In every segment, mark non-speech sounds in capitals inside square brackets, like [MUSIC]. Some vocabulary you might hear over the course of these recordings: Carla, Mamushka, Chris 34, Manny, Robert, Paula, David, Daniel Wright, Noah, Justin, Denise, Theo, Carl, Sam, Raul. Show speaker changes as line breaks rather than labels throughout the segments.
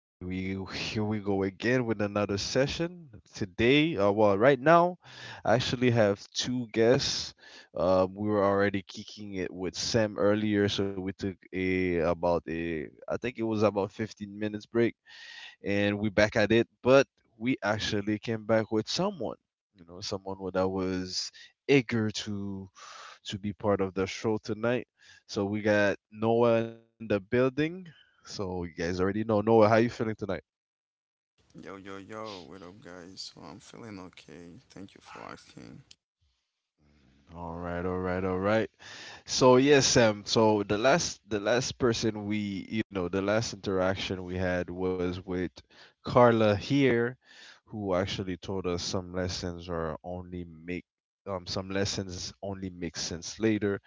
Here we go again with another session. Today, well, right now, I actually have two guests. We were already kicking it with Sam earlier, so we took I think it was about 15 minutes break, and we back at it, but we actually came back with someone. Someone that was eager to be part of the show tonight, so we got Noah in the building. So you guys already know Noah. How you feeling tonight?
Yo, yo, yo, what up, guys? So I'm feeling okay. Thank you for asking.
All right, all right, all right. So yes, Sam. So the last person we you know the last interaction we had was with Carla here, who actually told us some lessons only make sense later.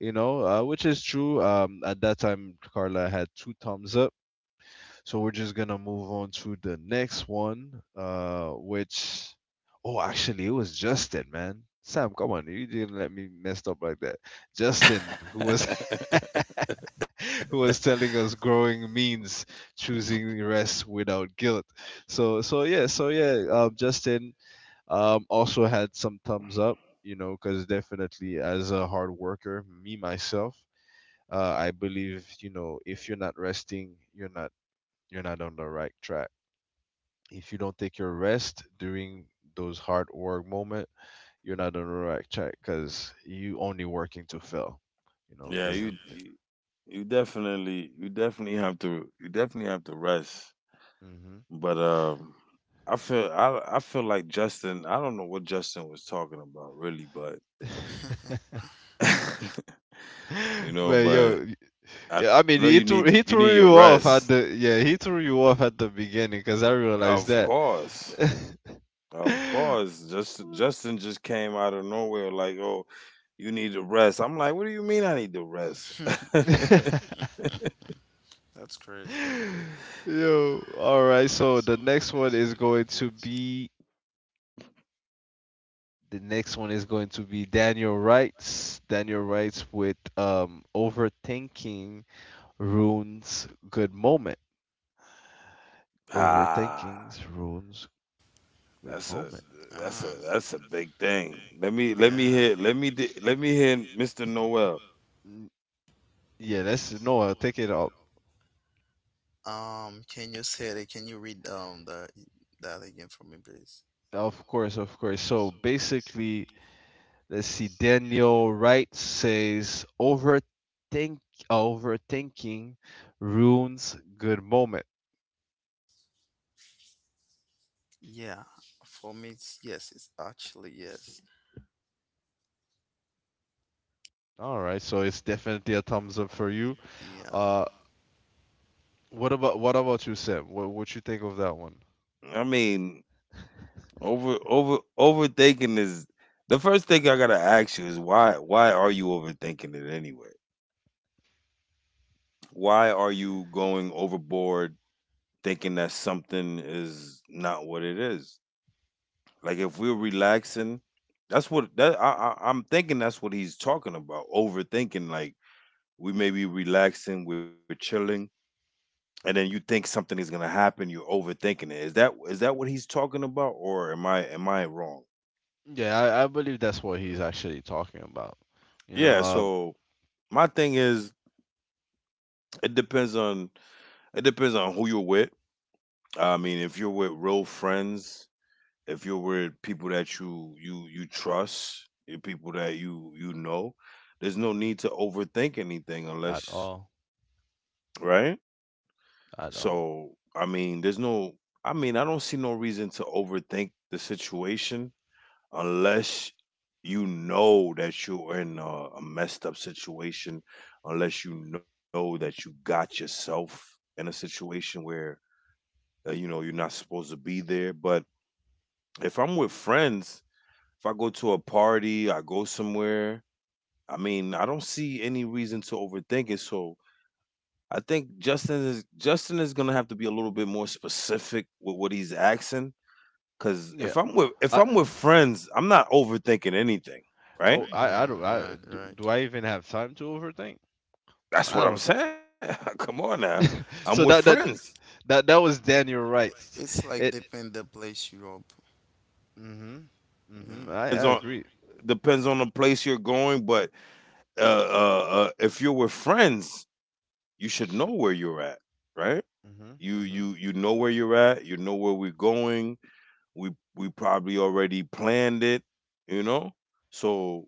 You know, which is true. At that time, Carla had two thumbs up, so we're just gonna move on to the next one, oh, actually, it was Justin, man. Sam, come on, you didn't let me mess up like that. Justin, who was [LAUGHS] who was telling us growing means choosing rest without guilt. So, Justin, also had some thumbs up, because definitely as a hard worker, me myself, I believe, if you're not resting, you're not on the right track. If you don't take your rest during those hard work moment, you're not on the right track because you only working to fail. You know,
Yep.
Yeah,
because.
Yeah,
you you you definitely you definitely have to you definitely have to rest.
Mm-hmm.
But I feel like Justin, I don't know what Justin was talking about really, but [LAUGHS] you
[LAUGHS]
know,
But
but
yo,
I know
yeah, I
you
mean,
need you need
he
your
threw you
rest.
off at the yeah, he threw you off at the beginning because I realized
Of
that.
course. Of
[LAUGHS]
course. Justin just came out of nowhere like, "Oh, you need to rest." I'm like, "What do you mean I need to rest?" [LAUGHS]
that's crazy, man.
Yo, all right. The next one is going to be Daniel Wrights. Daniel Wrights with Overthinking Ruins Good Moment. Overthinking
Ah.
Ruins Good
That's a
Moment.
that's a
that's a
Ah,
that's a big thing. Let me
yeah. Let me let Yeah. me
hear let
hear
me
let me
di-
di-
let me
Let me
hear
hear
Mr.
Mr.
Noel.
N- Yeah, that's no, I'll take it up.
Noel. Can you say that? Can you read the that again for me, please?
Of course, of course. So basically, let's see. Daniel Wrights says overthinking ruins good moment.
Yeah, for me, it's yes. It's actually yes.
All right, so it's definitely a thumbs up for you.
Yeah.
Uh, What about what about you, Sim? What you think of that one?
I mean, overthinking is the first thing I gotta ask you is why are you overthinking it anyway? Why are you going overboard thinking that something is not what it is? Like if we're relaxing, that's what that I I'm thinking that's what he's talking about. Overthinking, like we may be relaxing, we're chilling and then you think something is gonna happen, you're overthinking it. Is that what he's talking about, or am I wrong?
Yeah, I believe that's what he's actually talking about. You know,
Yeah. So my thing is, it depends on it depends on who you're with. I mean, if you're with real friends, if you're with people that you trust, you people that you know, there's no need to overthink anything
at
unless
all,
right.
at all.
So I mean, there's no. I mean, I don't see no reason to overthink the situation unless you know that you're in a messed up situation, unless you know that you got yourself in a situation where you know you're not supposed to be there. But if I'm with friends, if I go to a party, I go somewhere. I mean, I don't see any reason to overthink it. So I think Justin is gonna have to be a little bit more specific with what he's asking. Cause
Yeah,
if
I
I'm with friends, I'm not overthinking anything, right?
oh
Right?
I
Yeah,
don't I
right,
do,
right.
do I even have time to overthink?
That's
I
what I'm
don't think
saying. [LAUGHS] Come on now. I'm with
so. That
friends.
that that that was Daniel
You're
Wright.
right. It's like
It.
that depend the place you up.
Hmm.
Yeah.
Hmm. I
Depends
I
on
agree.
depends on the place you're going, but if you're with friends, you should know where you're at, right? You
Hmm. Hmm.
you
Hmm.
you know where you're at. You know where we're going. We probably already planned it, you know. So,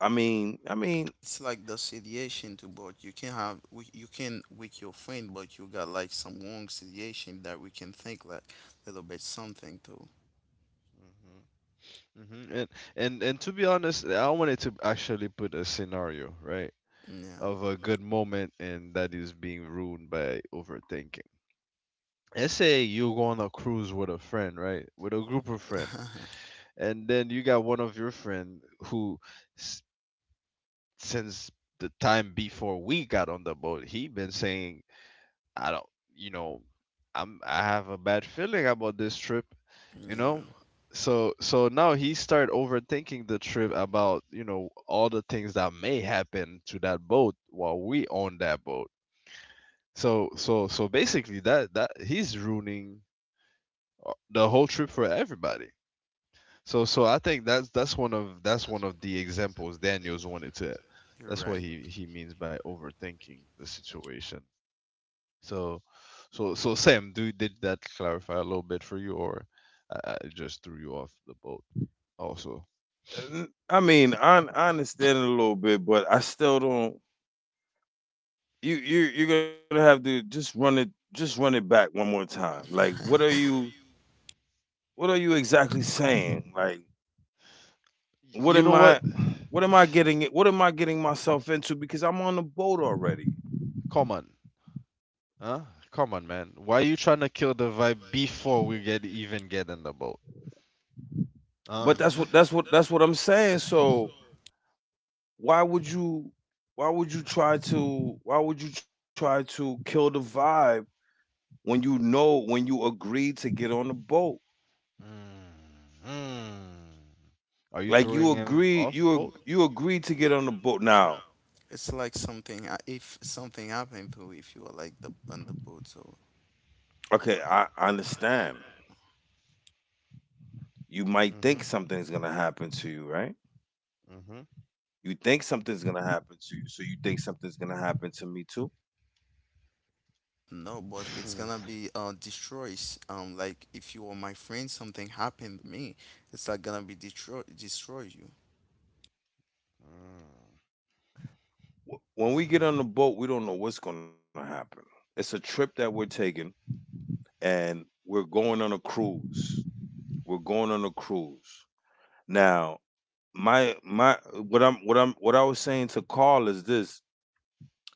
I mean,
It's like the situation to both. You can have we, you can with your friend, but you got like some wrong situation that we can think like a little bit something too.
Hmm. And to be honest, I wanted to actually put a scenario, right?
Yeah,
Of a good moment, and that is being ruined by overthinking. Let's say you go on a cruise with a friend, right? With a group of friends.
[LAUGHS]
And then you got one of your friend who s- since the time before we got on the boat, he been saying, I don't, you know, I have a bad feeling about this trip, you know?
yeah,
So now he start overthinking the trip about, all the things that may happen to that boat while we on that boat. So basically that he's ruining the whole trip for everybody. So I think that's one of the examples Daniels wanted to.
you're
That's what
right.
he means by overthinking the situation. So so Sam, do did that clarify a little bit for you, or I just threw you off the boat? Also,
n- I mean, I understand it a little bit, but I still don't. You're gonna have to just run it back one more time. Like,
[LAUGHS]
what are you? What are you exactly saying? Like, what
you
am
know what?
I, what am I getting? What am I getting myself into? Because I'm on the boat already.
Come on, huh? Come on, man. Why are you trying to kill the vibe before we get even get in the boat? Huh?
But that's
hmm
what that's what that's what I'm saying. So why would you, why would you try to, why would you try to kill the vibe when you know when you agreed to get on the boat?
Mm-hmm. Are you
Like you
throwing him
agreed,
off
you
boat?
ag- you agreed to get on the boat. Now,
It's like something if something happened to if you are like the on the boat, so
okay, I understand. You might
Mm-hmm.
think something's gonna happen to you, right?
Mm-hmm.
You think something's gonna happen to you, so you think something's gonna happen to me too.
no, but it's gonna be destroys. Like if you are my friend, something happened to me, it's like gonna be destroy you.
Mm.
Wh- When we get on the boat, we don't know what's gonna happen. It's a trip that we're taking, and we're going on a cruise. We're going on a cruise. Now, my what I'm what I'm what I was saying to Carl is this: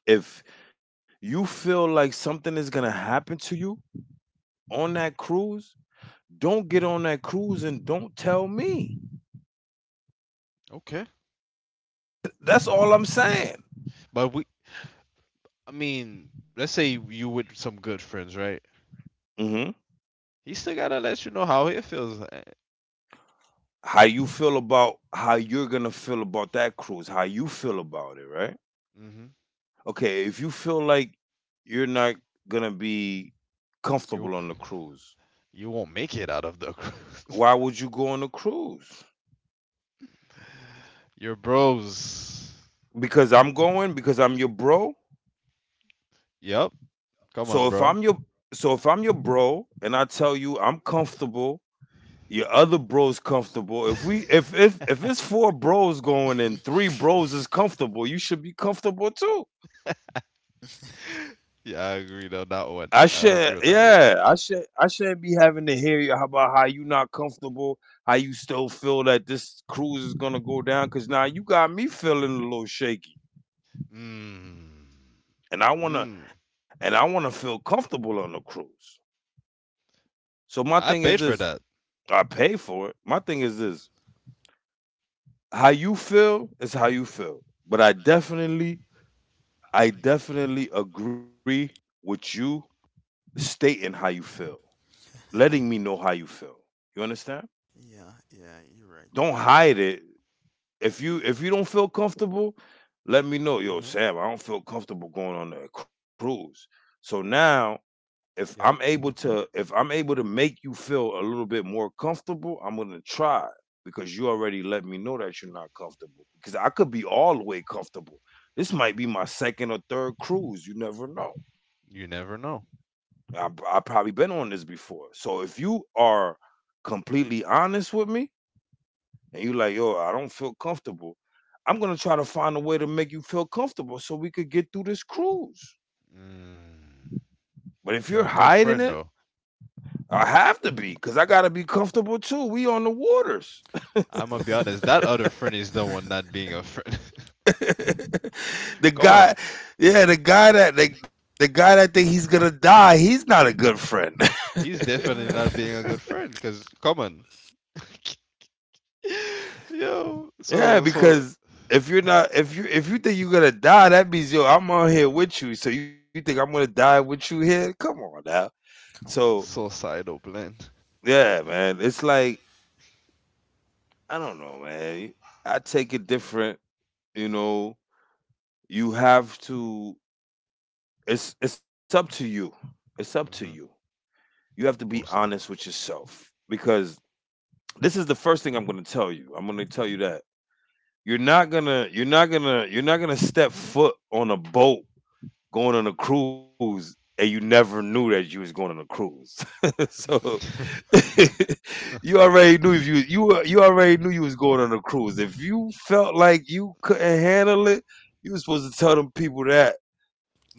if you feel like something is gonna happen to you on that cruise, don't get on that cruise and don't tell me.
Okay.
That's
Oh,
all I'm saying.
but we. I mean, let's say you with some good friends, right?
Hmm,
He still gotta let you know how he feels.
how you feel about how you're gonna feel about that cruise, how you feel about it, right?
Mm-hmm.
Okay, if you feel like you're not gonna be comfortable on
You
the cruise,
you won't make it out of the. [LAUGHS]
why would you go on a cruise?
Your bros.
Because I'm going, because I'm your bro.
Yep.
So if
Come
I'm
on,
your
bro.
so if I'm your bro and I tell you I'm comfortable, your other bro's comfortable. If
[LAUGHS]
we if it's four bros going and three bros is comfortable, you should be comfortable too.
Yeah, I agree on that
I
one.
should,
I agree on that
yeah,
one.
I should, I shouldn't be having to hear you about how you not comfortable, how you still feel that this cruise is gonna go down. Cause now you got me feeling a little shaky,
Mm.
and I wanna,
Mm.
and I wanna feel comfortable on the cruise. So my thing
I
is
paid for
this:
that.
I pay for it. My thing is this: how you feel is how you feel. But I definitely agree with you stating how you feel, letting me know how you feel. You understand?
Yeah, yeah, you're right.
Don't hide it if you don't feel comfortable, let me know. Yo,
Mm-hmm.
Sam, I don't feel comfortable going on a cruise. So now, if I'm
Yep.
able to if I'm able to make you feel a little bit more comfortable, I'm gonna try because you already let me know that you're not comfortable. Because I could be all the way comfortable. This might be my second or third cruise. You never know.
You never know.
I probably been on this before. So if you are completely honest with me, and you like, yo, I don't feel comfortable. I'm gonna try to find a way to make you feel comfortable so we could get through this cruise.
Mm.
But if you're
You're a good
hiding it,
friend, though.
I have to be, cause I gotta be comfortable too. We on the waters.
It's
I'm gonna be honest. That other friend is
[LAUGHS]
the
Come
one not being a friend.
[LAUGHS] The
[LAUGHS] come
guy,
on,
yeah, the guy that the guy that think he's gonna die, he's not a good friend.
he's definitely not being a good friend. Cause come on, [LAUGHS] yo,
[LAUGHS] Yeah,
so
because if you're not if you think you're gonna die, that means yo, I'm on here with you. So you think I'm gonna die with you here? Come on now.
on,
So
man.
suicidal blend.
yeah, man. It's like I don't know, man. I take it different, you know. You have to it's up to you. It's up to you.
Mm-hmm.
You have to be
Most
honest
likely.
with yourself because this is the first thing I'm going to tell you. I'm going to tell you that. You're not going to you're not going to you're not going to step foot on a boat going on a cruise and you never knew that you was going on a cruise. [LAUGHS] So [LAUGHS] you already knew if you you already knew you was going on a cruise. If you felt like you couldn't handle it, you was supposed to tell them people that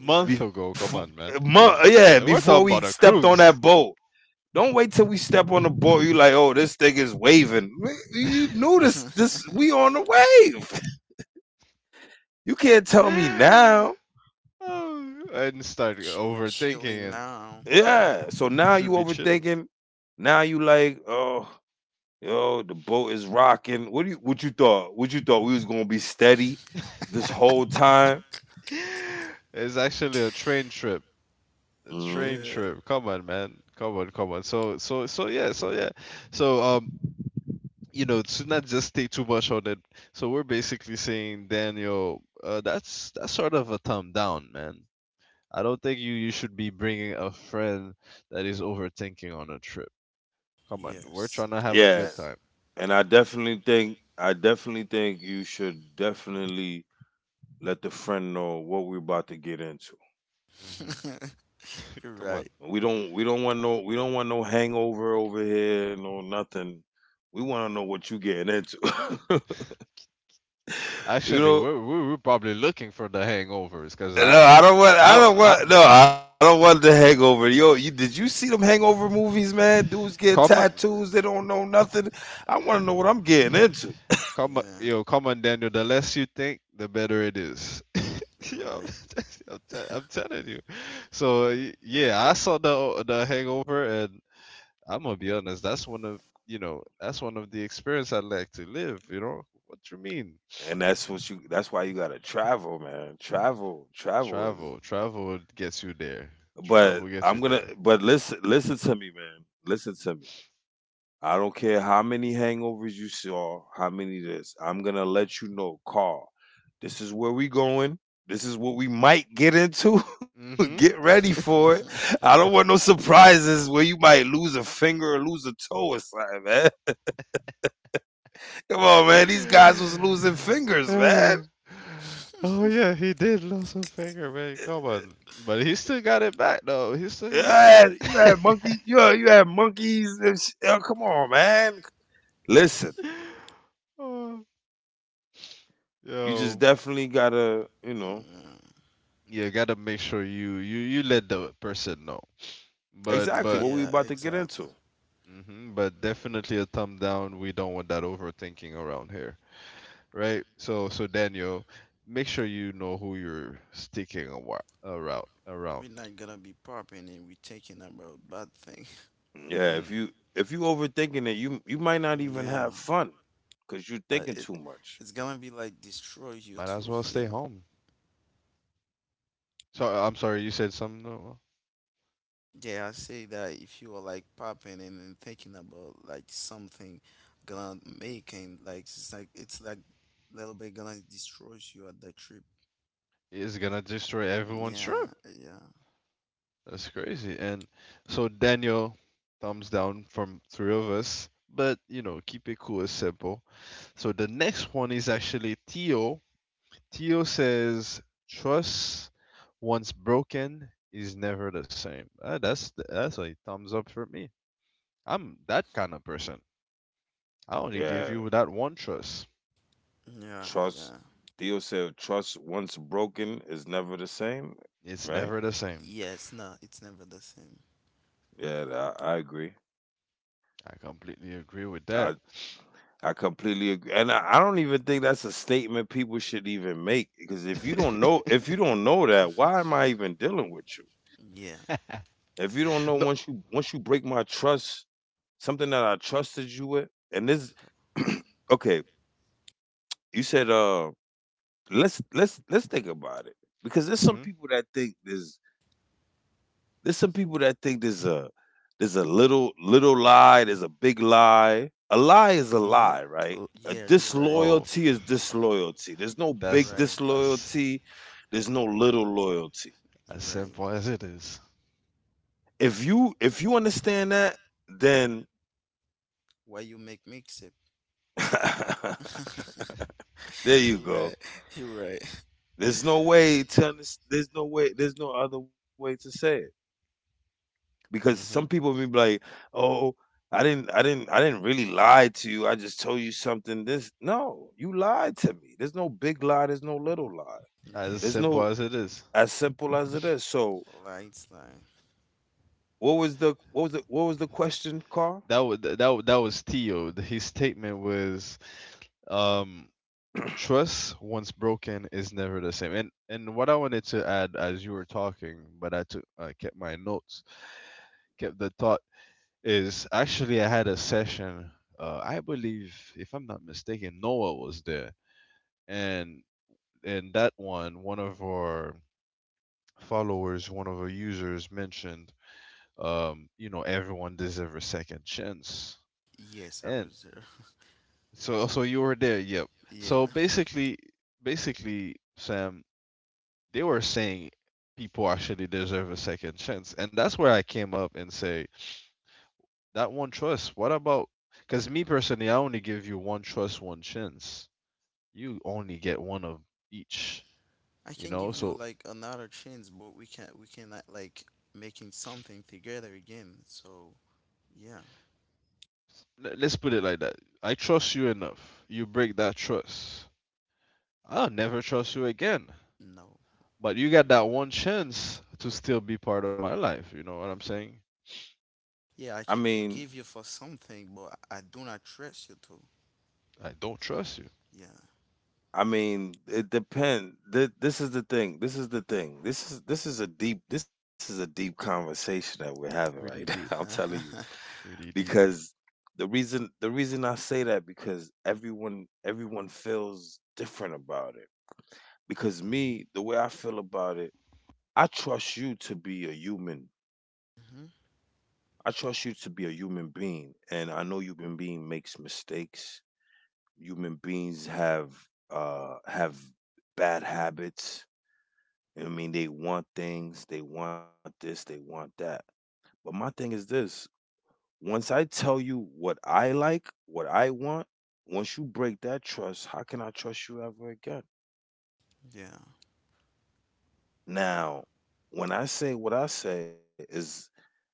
You're right.
ago,
before
come on, man.
mo-
Cause
yeah,
we're
before
talking
we
about a
stepped on
cruise.
that boat. Don't wait till we step on the boat. You like, oh, this thing is waving. You knew this. This we
[LAUGHS]
on the wave. [LAUGHS] You can't tell me
[SIGHS]
now.
Oh, and start
We're
overthinking
chilling
and
now.
Yeah. So now you
should be chilling.
overthinking. Now you like, oh, yo, the boat is rocking. What do you what you thought? What you thought we was gonna be steady this whole time?
[LAUGHS] It's actually a train trip
Hmm.
train
Yeah.
trip. Come on, man. Come on, come on. So, yeah, yeah. So, to not just stay too much on it. So we're basically saying, Daniel, that's sort of a thumb down, man. I don't think you should be bringing a friend that is overthinking on a trip. Come on, we're
Yes.
trying to have a
Yeah.
good
Yes.
time.
And I definitely think you should definitely let the friend know what we're about to get into.
Hmm.
[LAUGHS] You're
Come on.
right.
We don't want no hangover over here, no nothing. We wanna know what you getting into. [LAUGHS] You
Actually,
know,
we're probably looking for the hangovers, cause
no, I don't want. I don't
I
want. No, I don't want the hangover. Yo, you did you see them hangover
Yeah.
movies, man? Dudes getting
come on,
You're
tattoos.
right.
They don't know nothing. I want to know what I'm getting into,
come on,
Yeah.
yo, come on, Daniel. The less you think, the better it is.
You're
Yo,
right.
[LAUGHS] I'm telling you. So yeah, I saw the Hangover, and I'm gonna be honest. That's one of the experience I'd like to live. You know what you mean?
and that's what you. That's why you gotta travel, man. Travel, travel is.
Travel gets you there.
But I'm
Travel
gonna.
gets you
But
there.
listen, listen to me, man. Listen to me. I don't care how many hangovers you saw, how many this. I'm gonna let you know, Carl. This is where we going. This is what we might get into. [LAUGHS] Get
Mm-hmm.
ready for it.
[LAUGHS]
I don't want no surprises where you might lose a finger or lose a toe or something, man. [LAUGHS] Come on, man. These guys was losing fingers, man.
[SIGHS] Oh yeah, he did lose a finger, man. Come on, but he still got it back though. He still
You
got it back.
had, you had monkeys. You had monkeys. And sh- oh, come on, man. Listen,
[LAUGHS] Oh,
you just
yo,
definitely gotta, you know,
Yeah.
you gotta make sure you let the person know.
exactly
But
what we
but
about
Yeah.
to get into.
Exactly.
but definitely a thumb down. We don't want that overthinking around here, right? So Daniel, make sure you know who you're sticking around.
We're not gonna be popping and we're thinking about bad things.
Yeah,
Mm-mm.
if you overthinking it, you might not even have
Yeah.
fun because you're
Uh,
thinking
it
too much.
it's gonna be like destroy you
Might as
too.
well
[LAUGHS]
stay
Yeah,
home. So I'm sorry, you said something. Noah?
yeah. I say that if you are like popping and thinking about like something gonna make and like it's like little bit gonna destroy you at the trip.
It's gonna destroy everyone's
Yeah,
trip.
yeah,
That's crazy. And so Daniel, thumbs down from three of us. But you know, keep it cool and simple. So the next one is actually Theo. Theo says, "Trust once broken is never the same." That's a thumbs up for me. I'm that kind of person. I only give
Yeah,
you that one trust.
yeah,
trust.
yeah.
Theo said, "Trust once broken is never the same."
It's
Right?
never the same.
Yes, no, it's never the same.
Yeah, I agree.
I completely agree with that.
I I completely agree, and I don't even think that's a statement people should even make because if you don't know
[LAUGHS]
if you don't know that, why am I even dealing with you?
Yeah.
If you don't know once
No.
you once you break my trust, something that I trusted you with, and this [CLEARS THROAT] okay, you said, let's let's think about it because there's some
Mhm.
people that think there's some people that think there's a little lie, there's a big lie. A lie is a
Mhm.
lie, right?
Oh,
A
yeah. You're right.
Oh,
disloyalty is disloyalty.
Y-
There's no
You're
that's
big
right.
as
disloyalty. There's no little loyalty.
You're
as
right.
simple as it is.
If you understand that, then
Why you make mix it?
[LAUGHS]
[LAUGHS]
there you
You're right.
go.
You're right.
There's no way to understand. There's no way. There's no other way to say it. Because some
Mhm.
people may be like, "Oh, I didn't really lie to you. I just told you something." This no, you lied to me. There's no big lie. There's no little lie.
As
Yeah.
There's
simple
no
as it is.
as simple as it is.
Lights slide.
What was the question, Carl?
That was Theo. His statement was um trust once broken is never the same. And what I wanted to add as you were talking, but I kept my notes, kept the thought, is actually I had a session. I believe, if I'm not mistaken, Noah was there. And in that one, one of our followers one of our users mentioned, everyone deserves a second chance.
Yes, I
And
was there. [LAUGHS]
so you were there, yep.
Yeah.
So basically Sam, they were saying people actually deserve a second chance, and that's where I came up and say that one trust. What about? Because me personally, I only give you one trust, one chance. You only get one of each.
I
You
can
know,
give you
so
like another chance, but we cannot like making something together again. So yeah.
let's put it like that. I trust you enough. You break that trust. I'll never trust you again.
No.
But you got that
Rare.
one chance to still be part of my life. You know what I'm saying?
I
Yeah, I can
mean,
forgive you for something, but I do not trust you to.
I don't trust you.
Yeah.
I mean, it depends. This is the thing. This is the thing. This is a deep conversation that we're having right
Pretty
now. [LAUGHS] I'm
deep.
telling you
[LAUGHS]
Pretty deep.
because the reason I say that because everyone feels different about it. Because
Hmm.
me, the way I feel about it, I trust you to be a human.
hmm
I trust you to be a human being, and I know human being makes mistakes. Human beings have have bad habits. You know what I mean, they want things, they want this, they want that. But my thing is this: once I tell you what I like, what I want, once you break that trust, how can I trust you ever again?
Yeah.
Now, when I say what I say is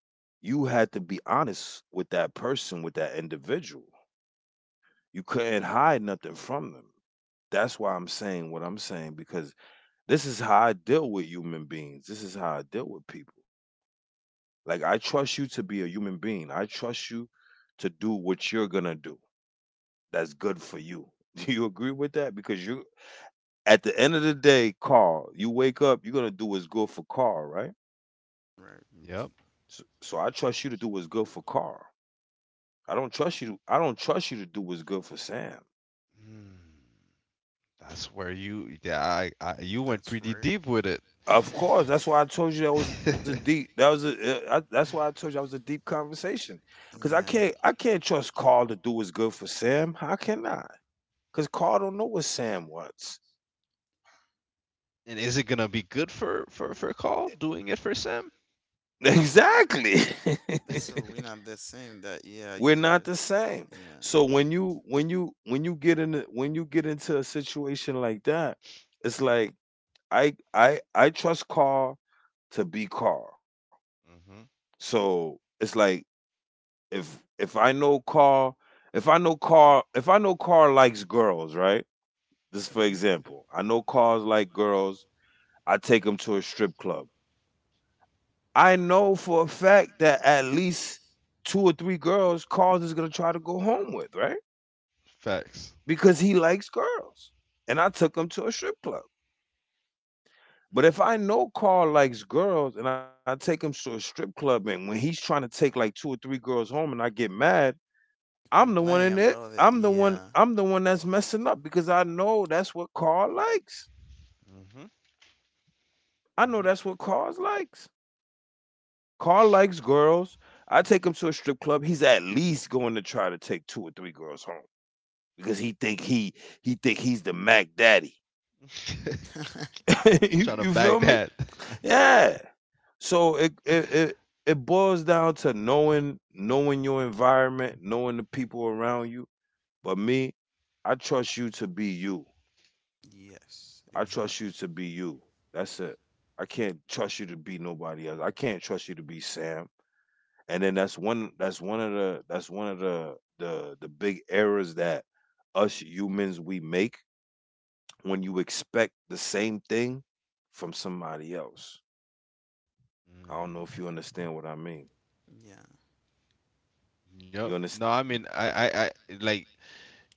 you had to be honest with that person, with that individual. You couldn't hide nothing from them. That's why I'm saying what I'm saying because this is how I deal with human beings. This is how I deal with people. Like I trust you to be a human being. I trust you to do what you're going to do. That's good for you. [LAUGHS] Do you agree with that? Because you, at the end of the day, Carl, you wake up, you're gonna do what's good for Carl, right?
Right.
Yep.
So I trust you to do what's good for Carl. I don't trust you. I don't trust you to do what's good for Sam.
Hmm. That's where you, yeah, you went
That's
pretty
right.
deep with it.
[LAUGHS]
Of course, that's why I told you that was a deep. That
[LAUGHS]
was a. That's why I told you that was a deep conversation. Cause I
yeah.
You-
can't. I can't trust Carl to do what's good for Sam. How can I? Cause Carl don't know what Sam wants.
and is it gonna be good for Call doing it for Sam?
[LAUGHS] Exactly.
[LAUGHS]
[LAUGHS]
So we're not the same. That Yeah,
We're
you're we're
not
right.
the same.
The same. Yeah.
So when you when you get in a- when you get into a situation like that, it's like I trust Carl to be Carl.
Hmm.
So it's like if if I know Carl, likes girls, right? Just for
hmm
example, I know Carl like girls. I take him to a strip club. I know for a fact that at least two or three girls Carl is gonna try to go home with, right?
Facts.
Because he likes girls. And I took him to a strip club. But if
Hmm.
I know Carl likes girls and I take him to a strip club and when he's trying to take like two or three girls home and I get mad,
For
I'm the
example,
one in
I know it goes into a strip club. I don't complain drink
it.
about it.
I'm
I'm
the
not.
one
Yeah.
I'm the one that's messing up because I know that's what Carl likes.
Hmm.
I know
Hmm.
that's what Carl likes. Carl likes girls. I take him to a strip club. He's at least going to try to take two or three girls home because he think he's the Mac Daddy. [LAUGHS]
[LAUGHS]
you,
trying to
you feel
bag
me?
that.
Yeah. So it boils down to knowing your environment, knowing the people around you. But me, I trust you to be you.
Yes. So
I
Hmm.
trust you
exactly.
to be you. That's it. I can't trust you to be nobody else. I can't trust you to be Sam. And then that's one that's one of the the big errors that us humans we make when you expect the same thing from somebody else. I don't know if
Mm.
you understand what I mean.
Yeah.
You
Yep. No, I
understand
mean, like,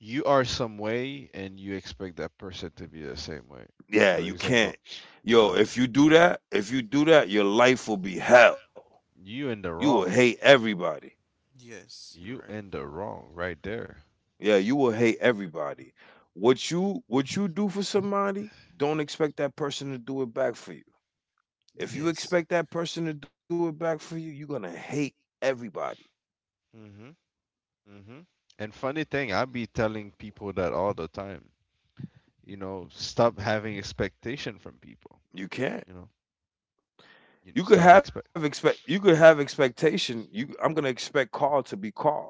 you are some way, and you expect that person to be the same way.
yeah,
For
you can't.
example,
Yo, if
no,
you do that, your life will be hell.
you in
You
the
will hate
wrong.
everybody.
Yes. You're
You
right.
in the wrong right there.
Yeah, you will hate everybody. What you do for somebody, don't expect that person to do it back for you. If
You.
you
Yes.
expect that person to do it back for you, you're gonna
Do.
hate everybody.
Hmm. Hmm. And funny thing, I be telling people that all the time. You know, stop having expectation from people.
You can't.
You know, you know, stop expect.
You could have expectation. You I'm gonna expect Carl to be Carl.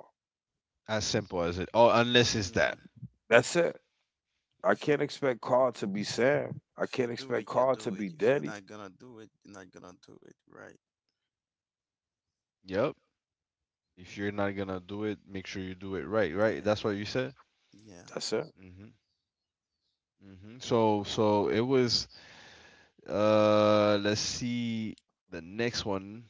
As simple as it. Oh, unless it's that.
Yeah.
That's it. I
If you
can't expect Carl to be
self.
Sam. I
If you
can't
do
expect
it, you
Carl to
do
be
it. If you're
Daddy.
not gonna do it, you're not gonna do it. Right.
Yep. If you're not gonna do it, make sure you do it right. Right.
Yeah,
That's what you said.
yeah.
That's it.
Hmm. Hmm. So, it was. Let's see the next one.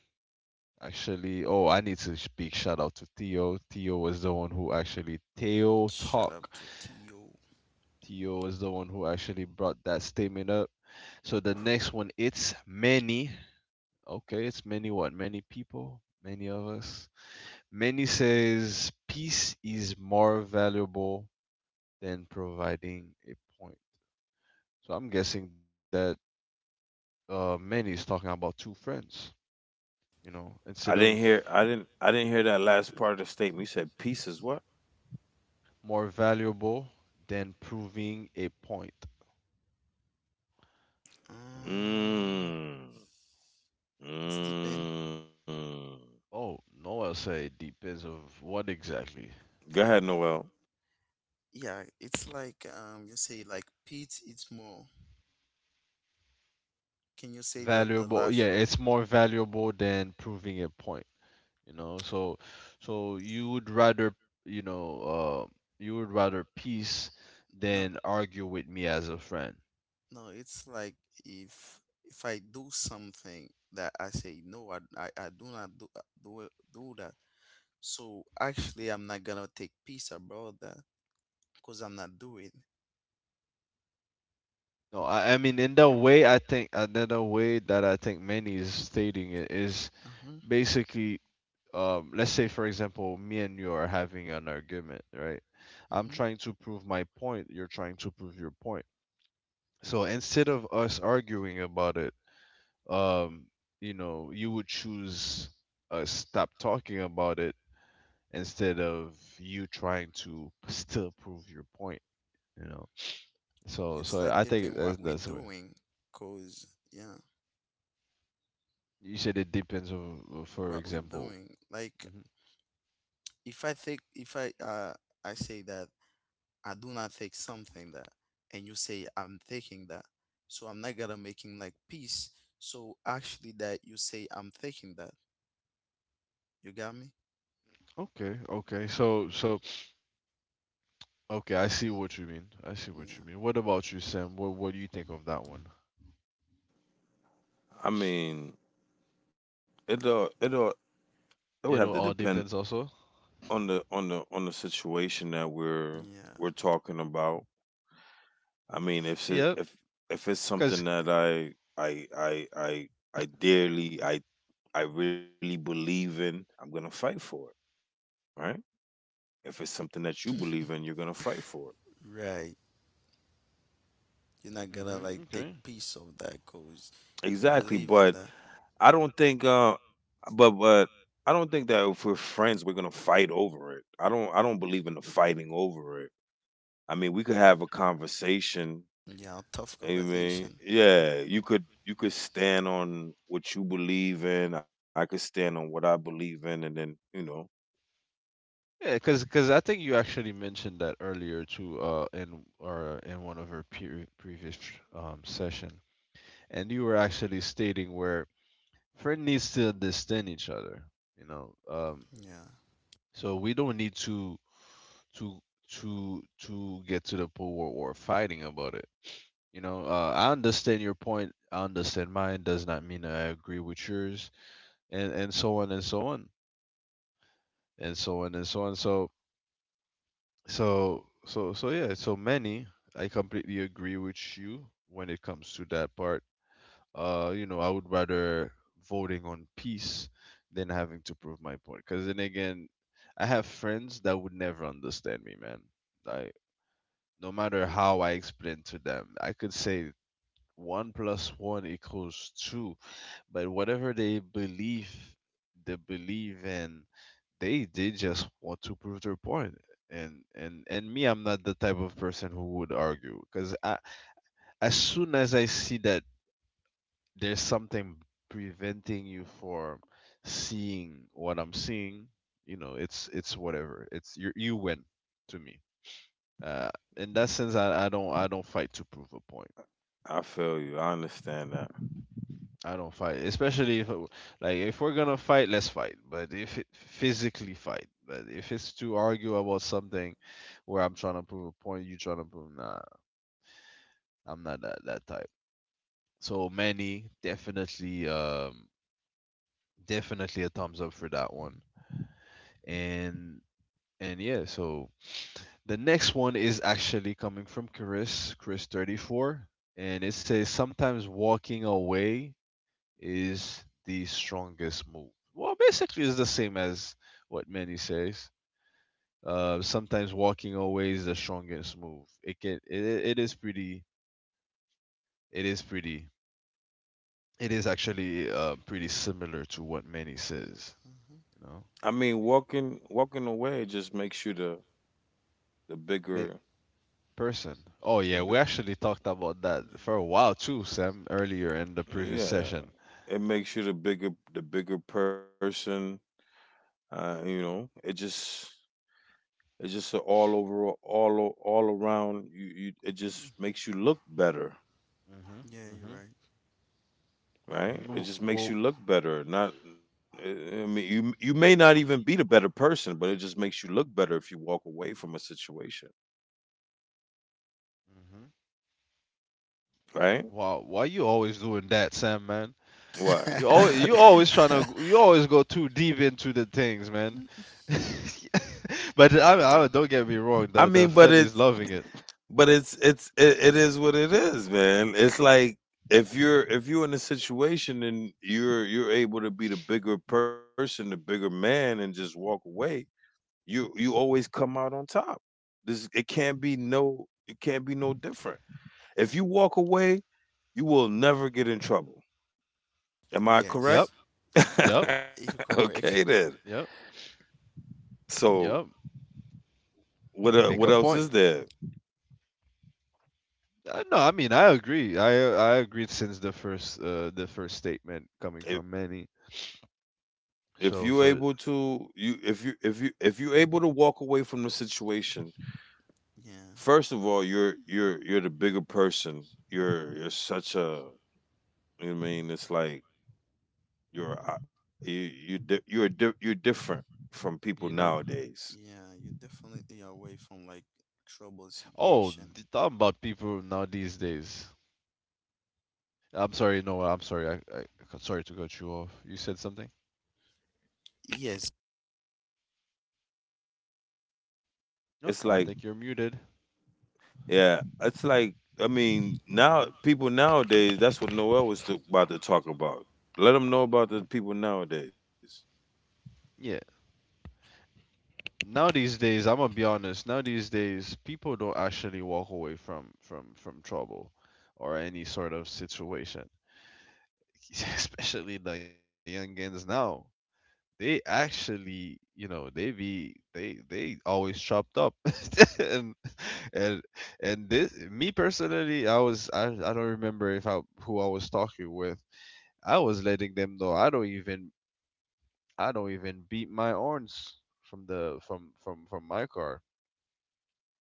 Actually, oh, I need to speak shout out to Theo. Theo was the one who actually Theo
Shut
talk.
up, Totio.
Theo is the one who actually brought that statement up. So the next one, it's Many. Okay, it's Many what? Many people, many of us. Many says peace is more valuable than providing a point. So I'm guessing that Many is talking about two friends, you know,
I
instead
didn't
of
hear. I didn't. I didn't hear that last part of the statement. You said pieces. What?
more valuable than proving a point. Uh,
Um,
Mm.
it's deep, end.
Mm.
Oh, Noah say depends of what exactly.
Go ahead, Noel.
Yeah, it's like you say like pits. It's more. Can you say the
Valuable, yeah,
last row?
it's more valuable than proving a point, you know. So, so, you know, uh, you would rather peace
No,
than argue with me as a friend.
no. It's like if if I do something that I say no, I do not do that. So actually, I'm not gonna take peace about that because I'm not doing.
No, I mean, in the way I think, another way that I think many is stating it is
Mm-hmm.
basically, let's say, for example, me and you are having an argument, right? I'm
Mm-hmm.
trying to prove my point, you're trying to prove your point. So instead of us arguing about it, um, you know, you would choose stop talking about it instead of you trying to [LAUGHS] still prove your point. You know, so
It's
so
like
I think
depend what
that's,
we're
that's the way.
doing, cause, yeah,
You said it depends on, for
what we're
example.
doing. Like
Hmm.
if I think if I I say that I do not think something that, and you say I'm thinking that, so I'm not gonna making like peace. So actually, that you say I'm thinking that. You got me?
Okay, okay. So okay, I see what you mean. I see what
Yeah.
you mean. What about you, Sam? What do you think of that one?
I mean, It all. It would have to
It all
depend
depends also.
on the on the on the situation that
Yeah.
we're talking about. I mean,
Yeah,
if it's
because.
something that I I I I dearly I really believe in, I'm gonna fight for it. Right? If it's something that you believe in, you're gonna fight for it.
Right. You're not gonna
Hmm,
like take
okay.
piece of that cause you
Exactly,
believe in
but
that.
I don't think but I don't think that if we're friends we're gonna fight over it. I don't believe in the fighting over it. I mean we could have a conversation.
Yeah, tough
I mean,
conversation.
yeah, you could stand on what you believe in, I could stand on what I believe in and then, you know,
Yeah, because I think you actually mentioned that earlier too, in or in one of our previous session, and you were actually stating where friend needs to understand each other, you know.
Yeah.
So we don't need to to to get to the point where we're fighting about it. You know, I understand your point. I understand mine. Does not mean I agree with yours, and so on and so on and so on and so on. So yeah, so many, I completely agree with you when it comes to that part. You know, I would rather voting on peace than having to prove my point. Cause then again, I have friends that would never understand me, man. Like no matter how I explain to them, I could say one plus one equals two, but whatever they believe in, they just want to prove their point, and me, I'm not the type of person who would argue because as soon as I see that there's something preventing you from seeing what I'm seeing, you know, it's whatever, it's you win, to me. uh in that sense I don't fight to prove a point.
I feel you. I understand that.
I don't fight, especially if, like, if we're gonna fight, let's fight. But if it, physically fight, but if it's to argue about something where I'm trying to prove a point, you trying to prove, nah, I'm not that type. So Manny definitely, definitely a thumbs up for that one. And and yeah, so the next one is actually coming from Chris, Chris 34, and it says sometimes walking away is the strongest move. Well, basically, it's the same as what Manny says. Sometimes walking away is the strongest move. It is pretty, it is pretty, it is actually pretty similar to what Manny says. You
I
know,
mean walking away just makes you the the
make
bigger
person. Oh
the
yeah,
bi-
we actually talked about that
Yeah.
for a while too, Sam, earlier in the previous
yeah.
session.
It makes you the bigger person. You know, it just it's just a all over all around you, you it just makes you look better,
Mhm,
Yeah, you're
mhm, mhm.
right? It just
Well,
makes you look better. Not I mean you may not even be the better person, but it just makes you look better if you walk away from a situation,
mhm.
right?
Wow, why you always doing that, Sam? Man, You
What?
always you
right.
[LAUGHS]
always trying to, you always go too deep into the things, man. [LAUGHS] But I don't, get me wrong,
I
the
mean, but
fan is loving it.
it is what it is, man. It's like if you're in a situation and you're able to be the bigger person, the bigger man, and just walk away, you always come out on top. This it can't be no different. If you walk away, you will never get in trouble.
[LAUGHS]
Am I
Yep,
correct?
Yes, you're
yep,
correct.
[LAUGHS]
You're
Okay then.
correct. [LAUGHS]
yep,
So
yep. Make
what
a
else
point.
is there?
No, I mean I agree. I agreed since the first statement coming from Manny.
If you
So
able
so
to you if you able to walk away from the situation,
Yeah,
first of all you're the bigger person, you're such a I mean it's like you're uh, you, you di- you're different from people
you know.
nowadays.
yeah, you're definitely away from like trouble
Oh, talking
situation.
about people now these days. I'm sorry, no, I'm sorry. I sorry to cut you off. You said something.
Yes.
It's
No,
like
I think you're muted.
yeah it's like I mean
Hmm.
now people nowadays that's what Noel was to, about to talk about, let them know about
Hmm.
the people nowadays.
Yeah. Now these days, I'm gonna be honest. Now these days, people don't actually walk away from from trouble or any sort of situation. [LAUGHS] Especially the young youngins now, they actually, you know, they be they always chopped up, [LAUGHS] and and and this, me personally, I don't remember if I, who I was talking with. I was letting them know I don't even, I don't even beat my horns from the from my car.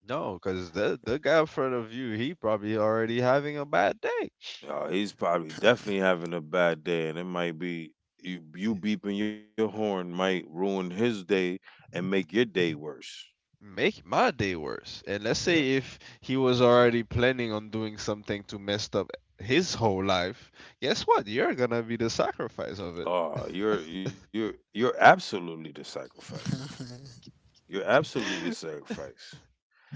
No, because the guy in front of you, he probably already having a bad day.
He's probably definitely having a bad day, and it might be you, you beeping your horn might ruin his day and make your day worse.
Make my day worse. And let's
Yeah.
say if he was already planning on doing something to mess up his whole life, guess what? You're gonna be the sacrifice of it.
Oh, you're absolutely the sacrifice.
[LAUGHS]
You're absolutely the
[LAUGHS]
sacrifice.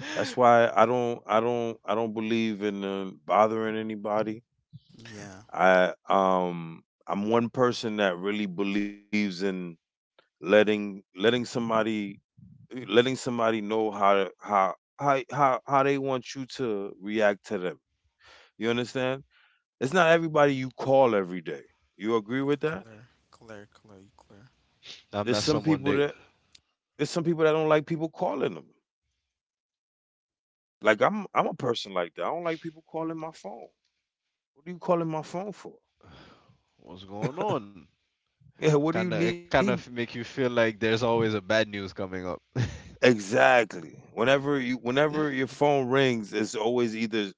That's why I don't believe in bothering anybody.
yeah,
I I'm one person that really believes in letting somebody know how to- how how they want you to react to them. You understand? It's not everybody
Mhm.
you call every day. You agree with that?
clear, clear, clear, clear.
There's some
I'm not
people that
someone that
don't like people calling them. Like I'm a person like that. I don't like people calling my phone. What are you calling my phone for?
what's going on.
Yeah, what do you
Kinda,
need?
it kind of make you feel like there's always a bad news coming up.
Exactly. Whenever you whenever your phone rings, it's always either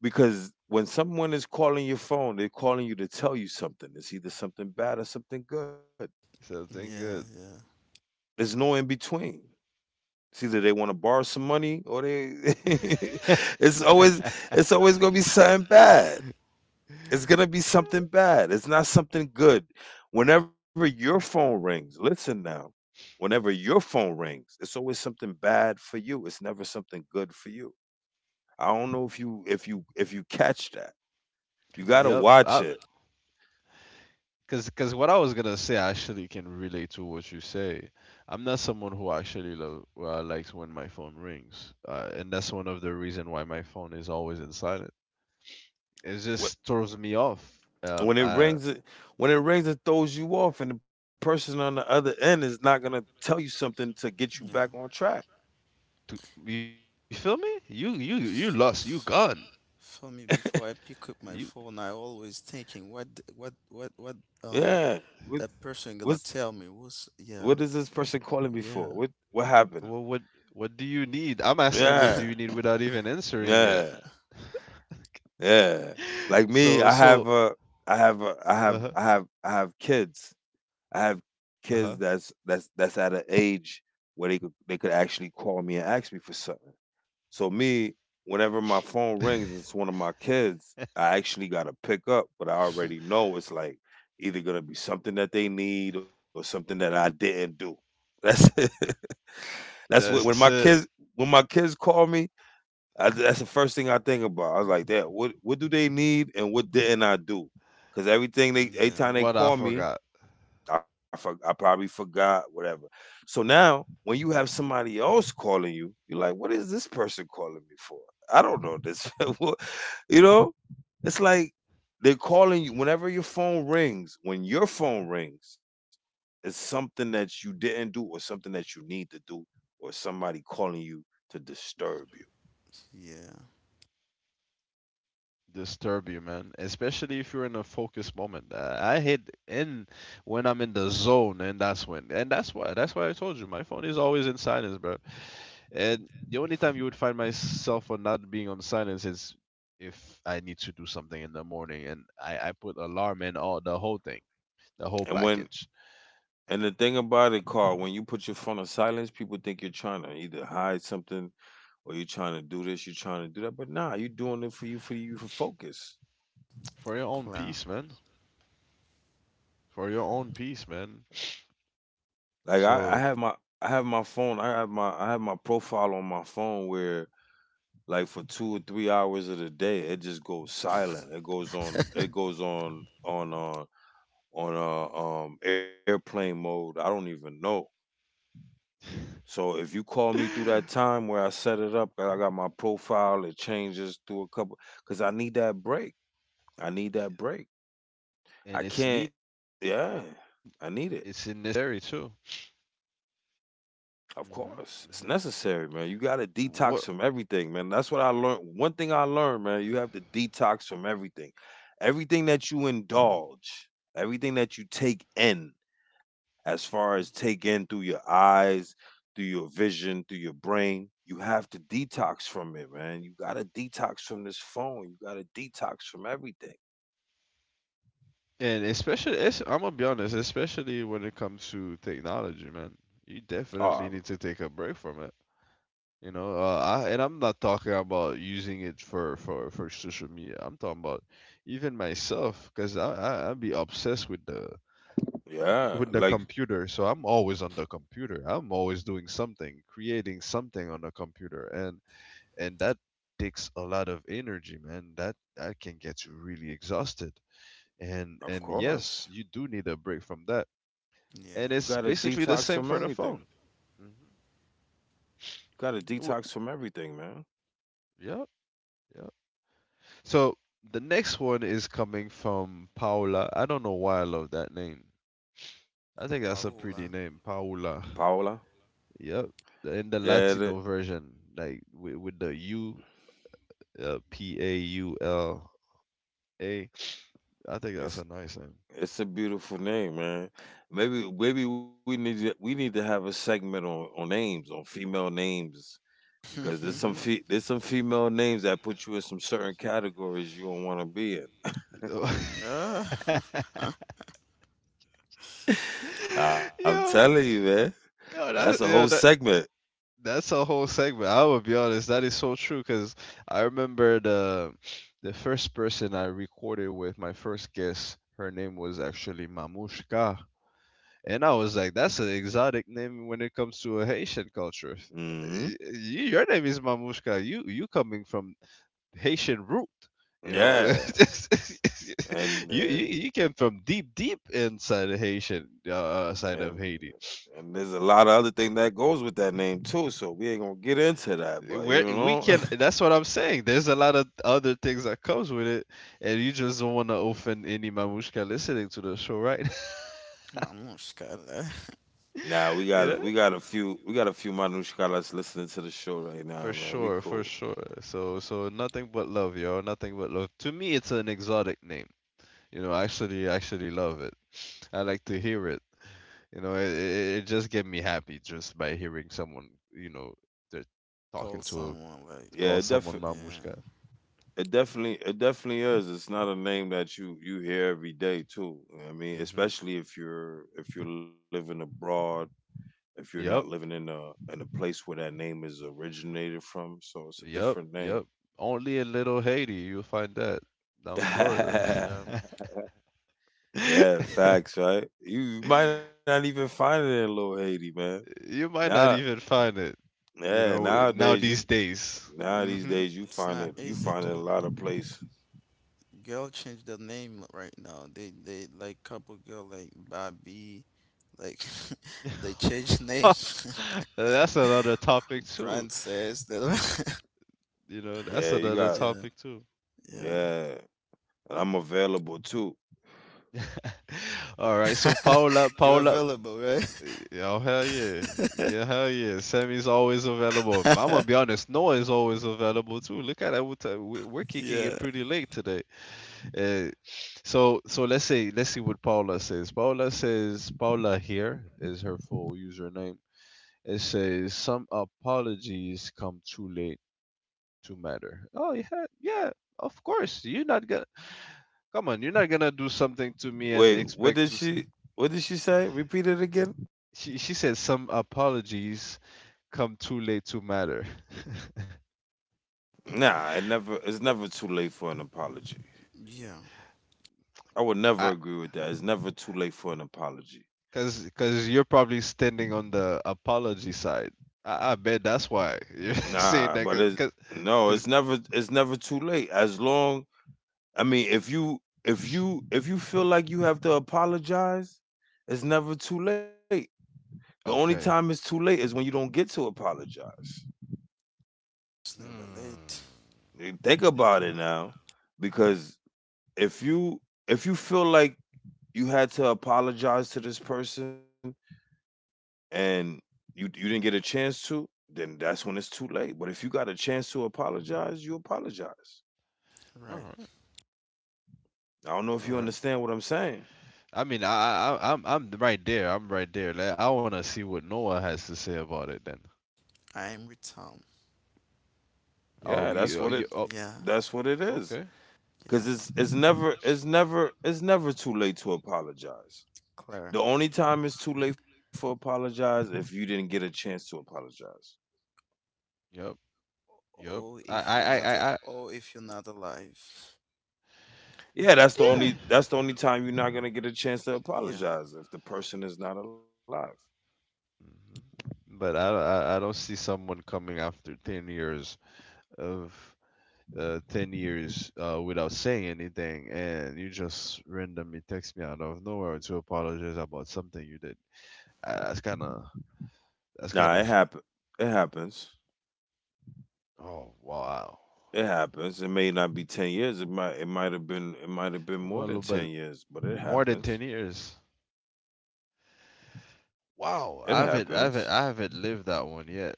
because when someone is calling your phone, they're calling you to tell you something. It's either something bad or something good.
Something good.
Yeah,
There's no in between. It's either they want to borrow some money or they. [LAUGHS] it's always it's always gonna be something bad. It's gonna be something bad. It's not something good. Whenever your phone rings, listen now. Whenever your phone rings, it's always something bad for you. It's never something good for you. I don't know if you catch that. You gotta
yeah, yeah.
Yep.
watch
I,
it.
cause, cause what I was gonna say, I actually can relate to what you say. I'm not someone who actually lo likes when my phone rings, and that's one of the reason why my phone is always in silent. It just throws me off.
When it
Um,
rings
uh,
it when it rings, it throws you off, and the person on the other end is not gonna tell you something to get you
Yeah.
back on track.
to, you feel me? You lost. You gone.
For me, before I pick up my
You,
phone, I always thinking what, yeah,
Yeah. What
that
what's
person gonna tell me. What's
what is this
Yeah,
person calling me for?
yeah,
What happened?
what, what, what do you need? I'm
Yeah.
asking, what do you need without even
Yeah.
answering it.
Yeah. Like me, I have
So,
a
so, uh huh,
I have kids. I have kids
uh
that's
huh.
at an age where they could actually call me and ask me for something. So me, whenever my phone rings, and it's one of my kids. I actually got to pick up, but I already know it's like either gonna be something that they need or something that I didn't do. That's [LAUGHS] it. That's what
That's it.
when my kids call me, that's the first thing I think about. I was like, "Dad, what do they need and what didn't I do?" Because every
yeah,
time they
What
call
I
me,
forgot.
I probably forgot whatever. So now when you have somebody else calling you, you're like, what is this person calling me for? I don't know this. [LAUGHS] What- you know, it's like they're calling you whenever your phone rings. When your phone rings, it's something that you didn't do or something that you need to do or somebody calling you to disturb you.
yeah.
Disturb you, man. Especially if you're in a focused moment. I hate in when I'm in the zone, and that's when, and that's why I told you, my phone is always in silence, bro. And the only time you would find myself on not being on silence is if I need to do something in the morning, and I put alarm and all the whole thing,
And
the whole
when
package
And the thing about it, Carl, when you put your phone on silence, people think you're trying to either hide something or you're trying to do this, you're trying to do that. But nah, you're doing it for you for focus.
for your
Clara.
own peace, man. For your own peace, man.
I have my
So,
phone, I have my profile on my phone where like for two or three hours of the day it just goes silent. It goes on airplane mode. I don't even know. So if you call me through
[LAUGHS]
that time where I set it up, I got my profile, it changes through a couple because I need that break. I need that
and
break. I
it's
can't
need,
yeah.
it's
I need
necessary
it.
too.
Of
Mhm.
course. It's
Mhm.
necessary, man. You gotta detox
What?
from everything, man. That's what I learned. One thing I learned, man, you have to detox from everything. Everything that you indulge, everything that you take in, as far as take
Mhm.
in through your eyes, through your vision, through your brain. You have to detox from it, man. You gotta detox from this phone. You gotta detox from everything.
And especially, it's, I'm gonna be honest, especially when it comes to technology, man, you
Oh,
definitely need to take a break from it. You know, I, and I'm not talking about using it for, social media. I'm talking about even myself, because I be obsessed with the, with
yeah.
the
Like,
computer. So I'm always on the computer. I'm always doing something, creating something on the computer, and that takes a lot of energy, man. That that can get you really exhausted. And
of
yes,
course.
you do need a break from that.
Yeah,
You
And it's
gotta
basically the
detox from
same for the
everything. You
phone. Hmm.
gotta
Hmm.
detox from everything, man.
Yeah, yeah. So the next one is coming from Paula. I don't know why I love that name.
I
I
think
think that's a
that's Paola.
pretty name, Paula.
Paola.
Yep. In the
Yeah,
Latino version, like with the U, Paula. I think that's a nice
it's
name.
a beautiful name, man. Maybe we need to have a segment on names, on female names
[LAUGHS] Her name,
because
Mm-hmm.
there's there's some female names that put you in some certain categories you don't want to be in.
[LAUGHS]
Paola. [LAUGHS] [LAUGHS]
I'm
Yo,
telling you, man, that's a whole
that,
segment.
that's a whole segment. I will be honest, that is so true because I remember the first person I recorded with, my first guest, her name was actually Mamushka. And I was like, that's an exotic name when it comes to a Haitian culture. Y-
Hmm.
y- Your name is Mamushka. You coming from Haitian root, you know?
Yeah,
[LAUGHS]
and
You
and
came from deep deep inside of Haitian side
and
of Haiti.
and there's a lot of other thing that goes with that name too. So we ain't gonna get into that,
Where
but you
we can,
know, [LAUGHS]
that's what I'm saying, there's a lot of other things that comes with it, and you just don't want to offend any Mamushka listening to the show, right?
now
[LAUGHS] You
we
know,
got a few we got a few Manushkalas listening to the show right
for
now, man. We
sure, for
cool.
sure. So nothing but love, yo, nothing but love. To me it's an exotic name, you know, I actually, I actually love it. I like to hear it, you know, it just get me happy just by hearing someone, you know, they're
Call
talking to a,
someone like,
call
Yeah, def
someone
yeah,
Mamushka.
It definitely is. It's not a name that you hear every day too. I mean,
Hmm.
especially if you're living abroad, if you're not
Yep.
living in a place where that name is originated from, so it's a
Yep,
different name.
yep. Only in Little Haiti you'll find that.
[LAUGHS]
Down
yeah,
Florida.
yeah.
Yeah,
[LAUGHS]
facts, right? You might not even find it in Little Haiti, man.
You might
Now,
not even find it, you
yeah,
know, now
nowadays you
these days.
now these
Hmm.
days
It's not
you
easy
find it a
to
lot of places.
girl change their name right now. They like couple girl like Bobby, like [LAUGHS] they change name.
[LAUGHS]
[LAUGHS]
That's another topic too.
Princess.
You know, that's
Yeah, you
another
[LAUGHS]
got
Yeah,
topic too.
yeah.
yeah. And I'm available too.
[LAUGHS] All right, so Paula,
[LAUGHS] You're
Paula,
available, right?
oh hell yeah, yeah hell yeah. Sammy's always available. I'm gonna be
[LAUGHS]
honest, Noah's always available too. Look at that, we're, we're kicking it
Yeah,
pretty late today. Uh, so let's say, let's see what Paula says. Paula says Paula here is her full username. It says some apologies come too late to matter. Oh yeah, yeah, of course. You're not gonna come on. You're not gonna do something to me and
Wait, what
expect
did
to.
she? What did she say? Repeat it again.
She said some apologies come too late to matter. [LAUGHS]
Nah, it never. It's never too late for an apology.
yeah.
I would never
I
agree with that. It's never too late for an apology.
cause, cause you're probably standing on the apology side. I bet that's why [LAUGHS] you're
Nah,
saying
but
that.
it's no. It's
'Cause-
never. It's never too late. As long. I mean, if you if you feel like you have to apologize, it's never too late. The only time it's
okay.
too late is when you don't get to apologize.
It's never
Hmm.
late.
Think about it now, because if you if you feel like you had to apologize to this person and you didn't get a chance to, then that's when it's too late. But if you got a chance to apologize, you apologize.
All
Right.
right.
I don't know if
All
you
right.
understand what I'm saying.
I mean, I'm right there. I'm right there. Like, I want to see what Noah has to say about it. Then.
I'm with Tom.
Yeah,
Oh, you, you. Oh,
Yeah,
that's what it is.
okay.
Cause
yeah.
it's it's never too late to apologize. The
Claire.
only time it's too late for apologize if you didn't get a chance to apologize.
Yep. Yep.
Oh, if you're not. A,
I
oh, if you're not alive.
Yeah, that's the
yeah.
only time you're not gonna get a chance to
Yeah.
apologize if the person is not alive.
Mhm. But I don't see someone coming after 10 years of, 10 years without saying anything, and you just randomly text me out of nowhere to apologize about something you did. I, that's kind of, that's
Nah, it
kind of.
happen. It happens.
Oh wow.
It happens. It may not be 10 years. It might. It might have been
I'm a
more
little
than ten
bit
years. But it
more than ten
happens.
years.
It
Wow,
happens.
I haven't lived that one yet.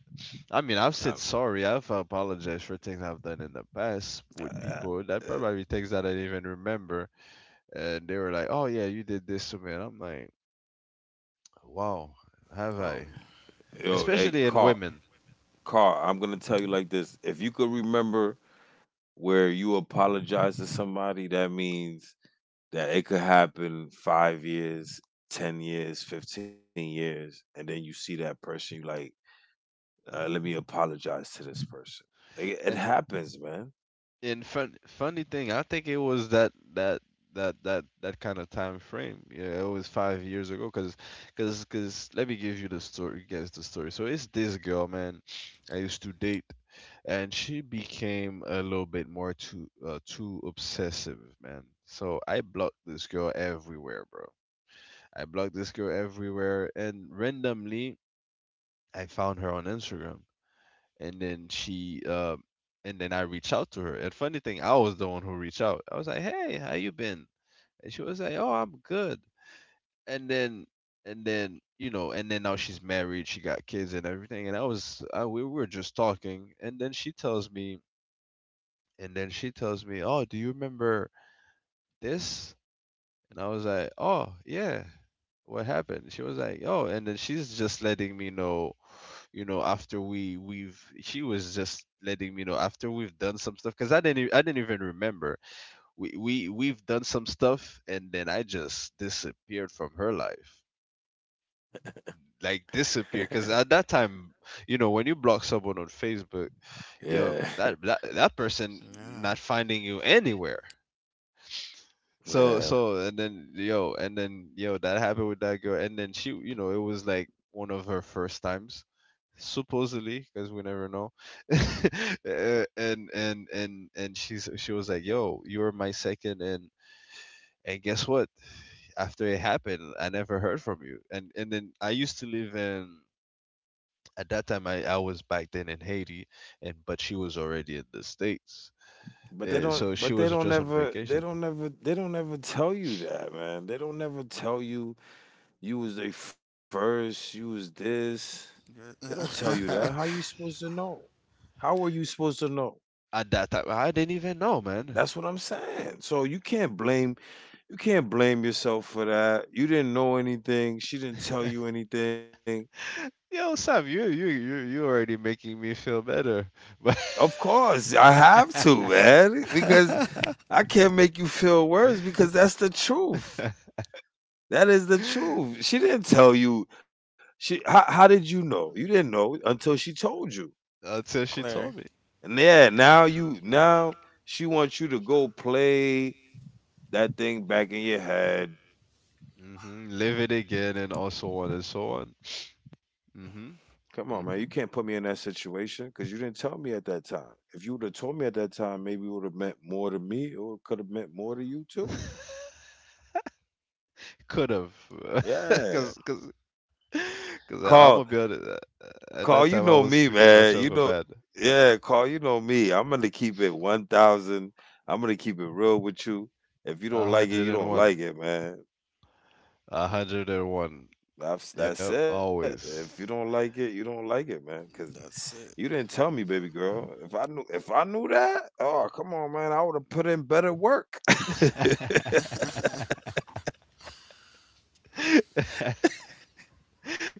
I mean, I've said
Um,
sorry, I've apologized for things I've done in the past with
uh, uh,
people that probably things that I didn't even remember, and they were like, "Oh yeah, you did this to me," and I'm like, "Wow, have
Oh,
I?"
yo, hey,
Especially
Carl.
in women,
Carl, I'm gonna tell you like this. If you could remember where you apologize to somebody, that means that it could happen 5 years, 10 years, 15 years, and then you see that person. You like, let me apologize to this person. It
and
happens, man.
funny thing, I think it was that kind of time frame. Yeah, it was 5 years ago. Cause, cause, cause. Let me give you the story. Guess the story. So it's this girl, man. I used to date, and she became a little bit more too too obsessive, man. So I blocked this girl everywhere, bro. I blocked this girl everywhere, and randomly I found her on Instagram and then I reached out to her. And funny thing, I was the one who reached out. I was like, "Hey, how you been?" And she was like, "Oh, I'm good." And then and then and then now she's married, she got kids and everything. And we were just talking, and then she tells me, "Oh, do you remember this?" And I was like, "Oh, yeah." What happened? She was like, "Oh," and then she's just letting me know you know after we we've she was just letting me know after we've done some stuff because I didn't even remember we've done some stuff, and then I just disappeared from her life, like disappeared,
[LAUGHS]
because at that time, you know, when you block someone on Facebook,
yeah,
that, that person
yeah.
not finding you anywhere.
[LAUGHS]
so
yeah.
so and then yo and then yo that happened with that girl, and then she you know it was like one of her first times, supposedly, because we never know. [LAUGHS] And she was like, "Yo, you were my second, and guess what, after it happened, I never heard from you." And then I used to live in at that time I was back then in Haiti, and but she was already in the States.
But they
So
don't.
she was
But they
just
don't
on
ever.
vacation.
They don't ever. They don't ever tell you that, man. They don't ever tell you you was they first. You was this.
Good.
They don't tell you that. How you supposed to know? How are you supposed to know?
At that time, I didn't even know, man.
That's what I'm saying. So you can't blame yourself for that. You didn't know anything. She didn't tell you anything.
Yo, Sam, you already making me feel better. [LAUGHS] But
Of course, I have to, man, because
[LAUGHS]
I can't make you feel worse because that's the truth. That is the
[LAUGHS]
truth. She didn't tell you. She how did you know? You didn't know until she told you.
until she told
Claire,
me.
And yeah, now she wants you to go play that thing back in your head.
Hmm. Live it again, and also on and so on. Hmm.
Come on, man. You
Hmm.
can't put me in that situation because you didn't tell me at that time. If you would have told me at that time, maybe it would have meant more to me or it could have meant more to you too.
[LAUGHS] Could have, [LAUGHS] cause,
Yeah.
cause, 'cause
Carl,
I- I'm gonna be honest. At
Carl, you
that time,
know
I
me,
was pretty
man.
much
You
of a
know,
bad.
yeah, Carl, you know me. I'm going to keep it 1,000. I'm going to keep it real with you. If you don't
A
like it,
hundred
you
and
don't
one.
like it, man.
A hundred and one.
That's
Yep,
it. If you
always.
don't like it, you don't like it, man. Because
that's
you
it.
didn't tell me, baby girl. If I knew that, oh come on, man, I would have put in better work. [LAUGHS]
[LAUGHS]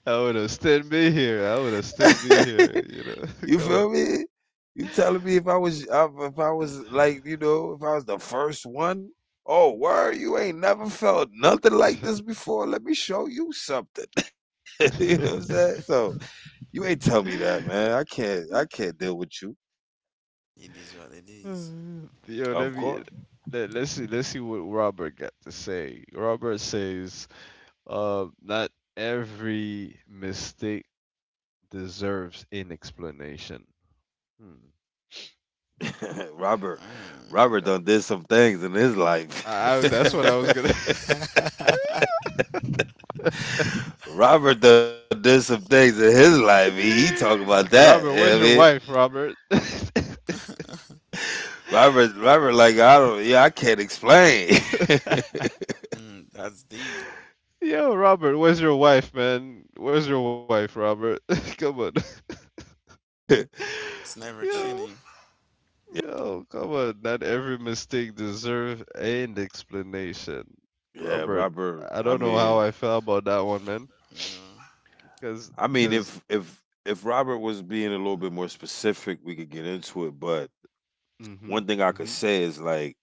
I would have still be here. I would have still be here. You
You
know,
feel me? You telling me if I was
[LAUGHS]
like, you know, if I was the first one, oh word, you ain't never felt nothing like this before. Let me show you something. [LAUGHS] You know what I'm
come
saying? So
[LAUGHS]
you ain't tell me that, man. I
on. [LAUGHS]
can't deal with you.
It is what it is.
Uh, Yo,
Of course,
let's see what Robert got to say. Robert says, not every mistake deserves an explanation. Hmm.
[LAUGHS] Robert. Robert
Mm.
Uh,
done did some things in his life.
I that's what I was gonna.
[LAUGHS]
[LAUGHS]
Robert done did some things in his life. He talking about
[LAUGHS]
that. You know
Robert,
what I
where's your
mean,
wife, Robert? [LAUGHS]
Robert, Robert, like I don't, yeah, I can't explain. [LAUGHS] Yeah,
Mm, that's deep.
Yo, Robert, where's your wife, man? Where's your wife, Robert? [LAUGHS] Come on.
It's
[LAUGHS]
never
Yo.
cheating.
No, come on. Not every mistake deserves an explanation.
yeah,
Robert,
Robert.
I don't know how I felt about that one, man.
Yeah.
I
Cause,
mean,
cause,
if Robert was being a little bit more specific, we could get into it. But
mm-hmm,
one thing I could
mm-hmm,
say is like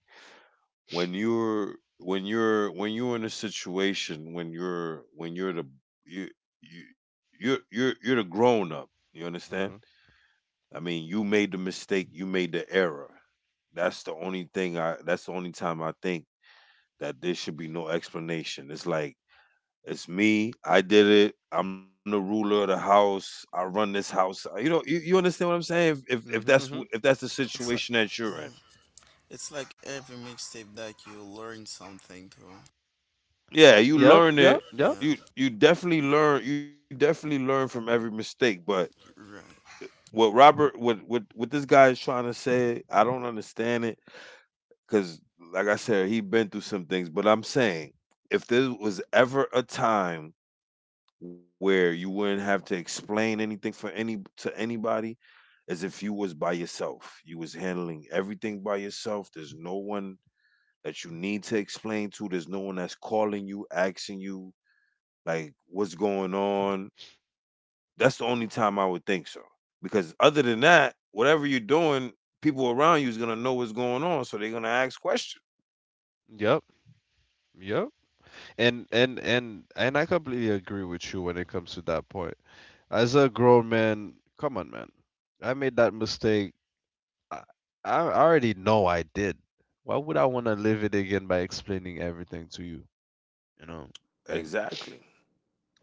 when you're when you're when you're in a situation when you're the you you're the grown up. You understand?
mm-hmm,
I mean, you made the mistake, you made the error. That's the only time I think that there should be no explanation. It's like it's me, I did it. I'm the ruler of the house. I run this house. You know, you understand what I'm saying? If
mm-hmm,
that's
hmm.
if that's the
It's like,
situation that you're
yeah.
in.
It's like every mixtape that you learn something to.
Yeah, you
Yep,
learn
yep,
it.
yep,
Yeah.
You you definitely learn from every mistake, but
Right.
what this guy is trying to say, I don't understand it because, like I said, he been through some things. But I'm saying, if there was ever a time where you wouldn't have to explain anything for anybody, as if you was by yourself. You was handling everything by yourself. There's no one that you need to explain to. There's no one that's calling you, asking you like what's going on. That's the only time I would think so. Because other than that, whatever you're doing, people around you is gonna know what's going on, so they're gonna ask questions.
yep, yep. And I completely agree with you when it comes to that point. As a grown man, come on, man. I made that mistake. I, I already know I did. Why would I want to live it again by explaining everything to you? You know, and
Exactly.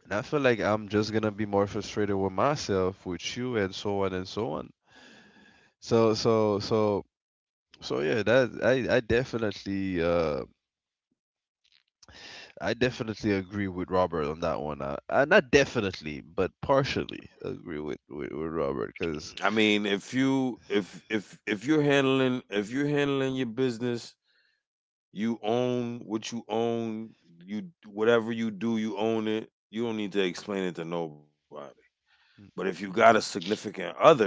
And I feel like I'm just gonna be more frustrated with myself, with you, and so on and so on. So so so so yeah, that I definitely agree with Robert on that one. Not definitely, but partially agree with Robert
I
because
mean, if if you're handling if you're handling your business, you own what you own. You whatever you do, you own it. You don't need to explain it to nobody. But if you got a
hmm
significant other,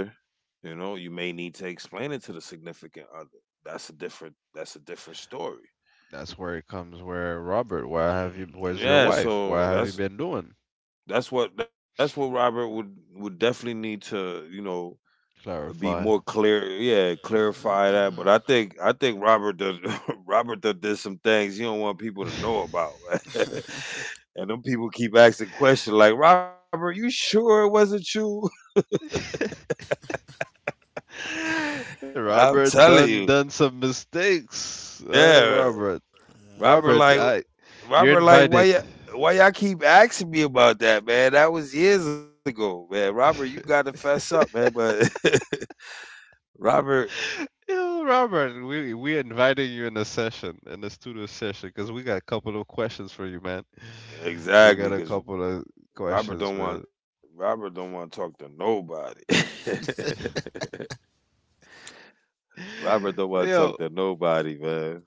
you know, you may need to explain it to the significant other. That's a different story.
that's where it comes. Where Robert, why have you?
Mm,
Where's your
yeah,
wife? Why
so
have you
that's
been doing?
that's what Robert would definitely need to, you know, be
Clarify.
more clear, yeah, clarify that. But
Mm-hmm,
I think Robert does, [LAUGHS] Robert does did some things you don't want people to know about.
[LAUGHS]
[LAUGHS] And
mm-hmm.
them people keep asking questions like Robert, you sure it wasn't you? [LAUGHS] I'm
Robert
telling
done
you.
done some mistakes.
Yeah,
[LAUGHS] yeah.
Robert
Robert,
like
I, you're
why you
invited.
why y'all keep asking me about that, man? That was years ago, man. Robert, you got to fess up, man. But [LAUGHS] Robert,
[LAUGHS] Yo, Robert, we invited you in a session, in a studio session, because we got a couple of questions for you, man. We
exactly,
got a
because
couple of
Robert
questions,
don't want
man.
Robert don't want to talk to nobody. [LAUGHS] Robert
[SIGHS]
don't
[LAUGHS]
want to
Yo,
talk to nobody, man.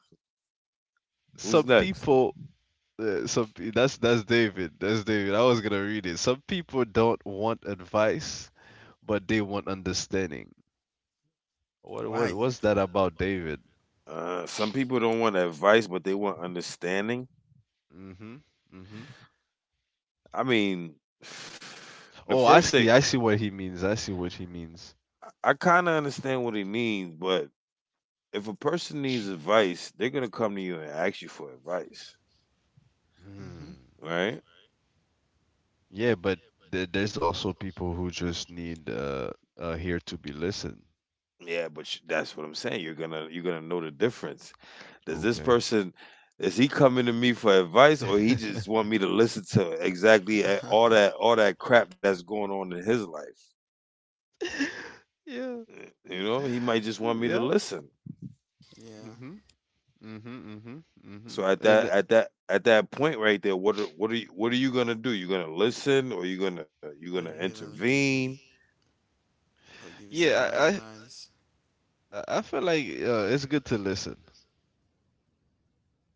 Who's
some
next?
people, that's that's David. I was gonna read it. Some people don't want advice, but they want understanding. What what
Why?
what's that about, David?
Some people don't want advice, but they want understanding.
Mm-hmm. Mm-hmm.
I mean, [SIGHS] the
Oh, I
first thing
see. I see what he means. I see what he means.
I kind of understand what he means, but if a person needs advice, they're gonna come to you and ask you for advice,
Mm-hmm.
Mm.
right?
Yeah, but there's also people who just need here to be listened.
Yeah, but that's what I'm saying. You're gonna know the difference. Does this
Okay.
person Is he coming to me for advice, or he just
[LAUGHS]
want me to listen to exactly all that crap that's going on in his life?
Yeah.
He might just want me to
Yeah.
listen.
[LAUGHS] yeah.
Mhm. Mhm. Mhm.
So
Mhm.
at that
And
at that at that point right there, what are you gonna do? You gonna listen, or you gonna
Oh, you get on the.
intervene?
I'll give you some
yeah,
advice.
I feel like it's good to listen.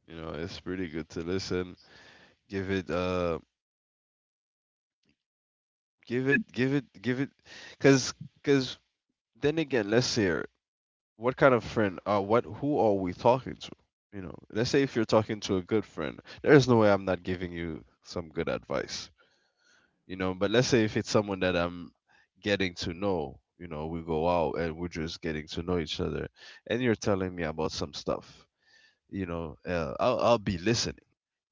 You know, it's pretty good to listen. Give it give it give it give it cuz cuz then again, let's hear what kind of friend, what who are we talking to. You know, let's say if you're talking to a good friend, there's no way I'm not giving you some good advice. You know, but let's say if it's someone that I'm getting to know, you know, we go out and we're just getting to know each other, and you're telling me about some stuff, you know. I'll be listening,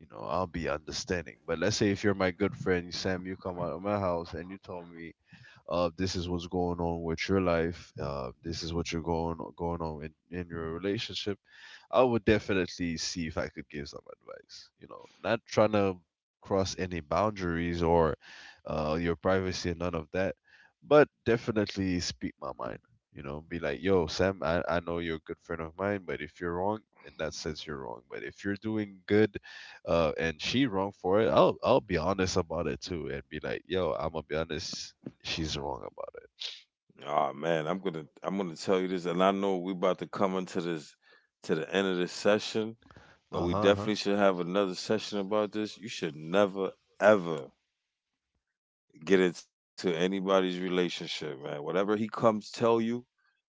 you know, I'll be understanding. But let's say if you're my good friend Sam, you come out of my house and you told me, this is what's going on with your life, this is what you're going on in your relationship. I would definitely see if I could give some advice, you know, not trying to cross any boundaries or your privacy and none of that, but definitely speak my mind. You know, be like, yo, Sam, I know you're a good friend of mine, but if you're wrong, in that sense, you're wrong. But if you're doing good, and she wrong for it, I'll be honest about it too, and be like, yo, I'm gonna be honest, she's wrong about it.
Ah, man, I'm gonna tell you this, and I know we about to come into this to the end of this session, but
Uh huh.
we
Uh-huh. Uh-huh.
definitely should have another session about this. You should never ever get into anybody's relationship, man. Whatever he comes tell you,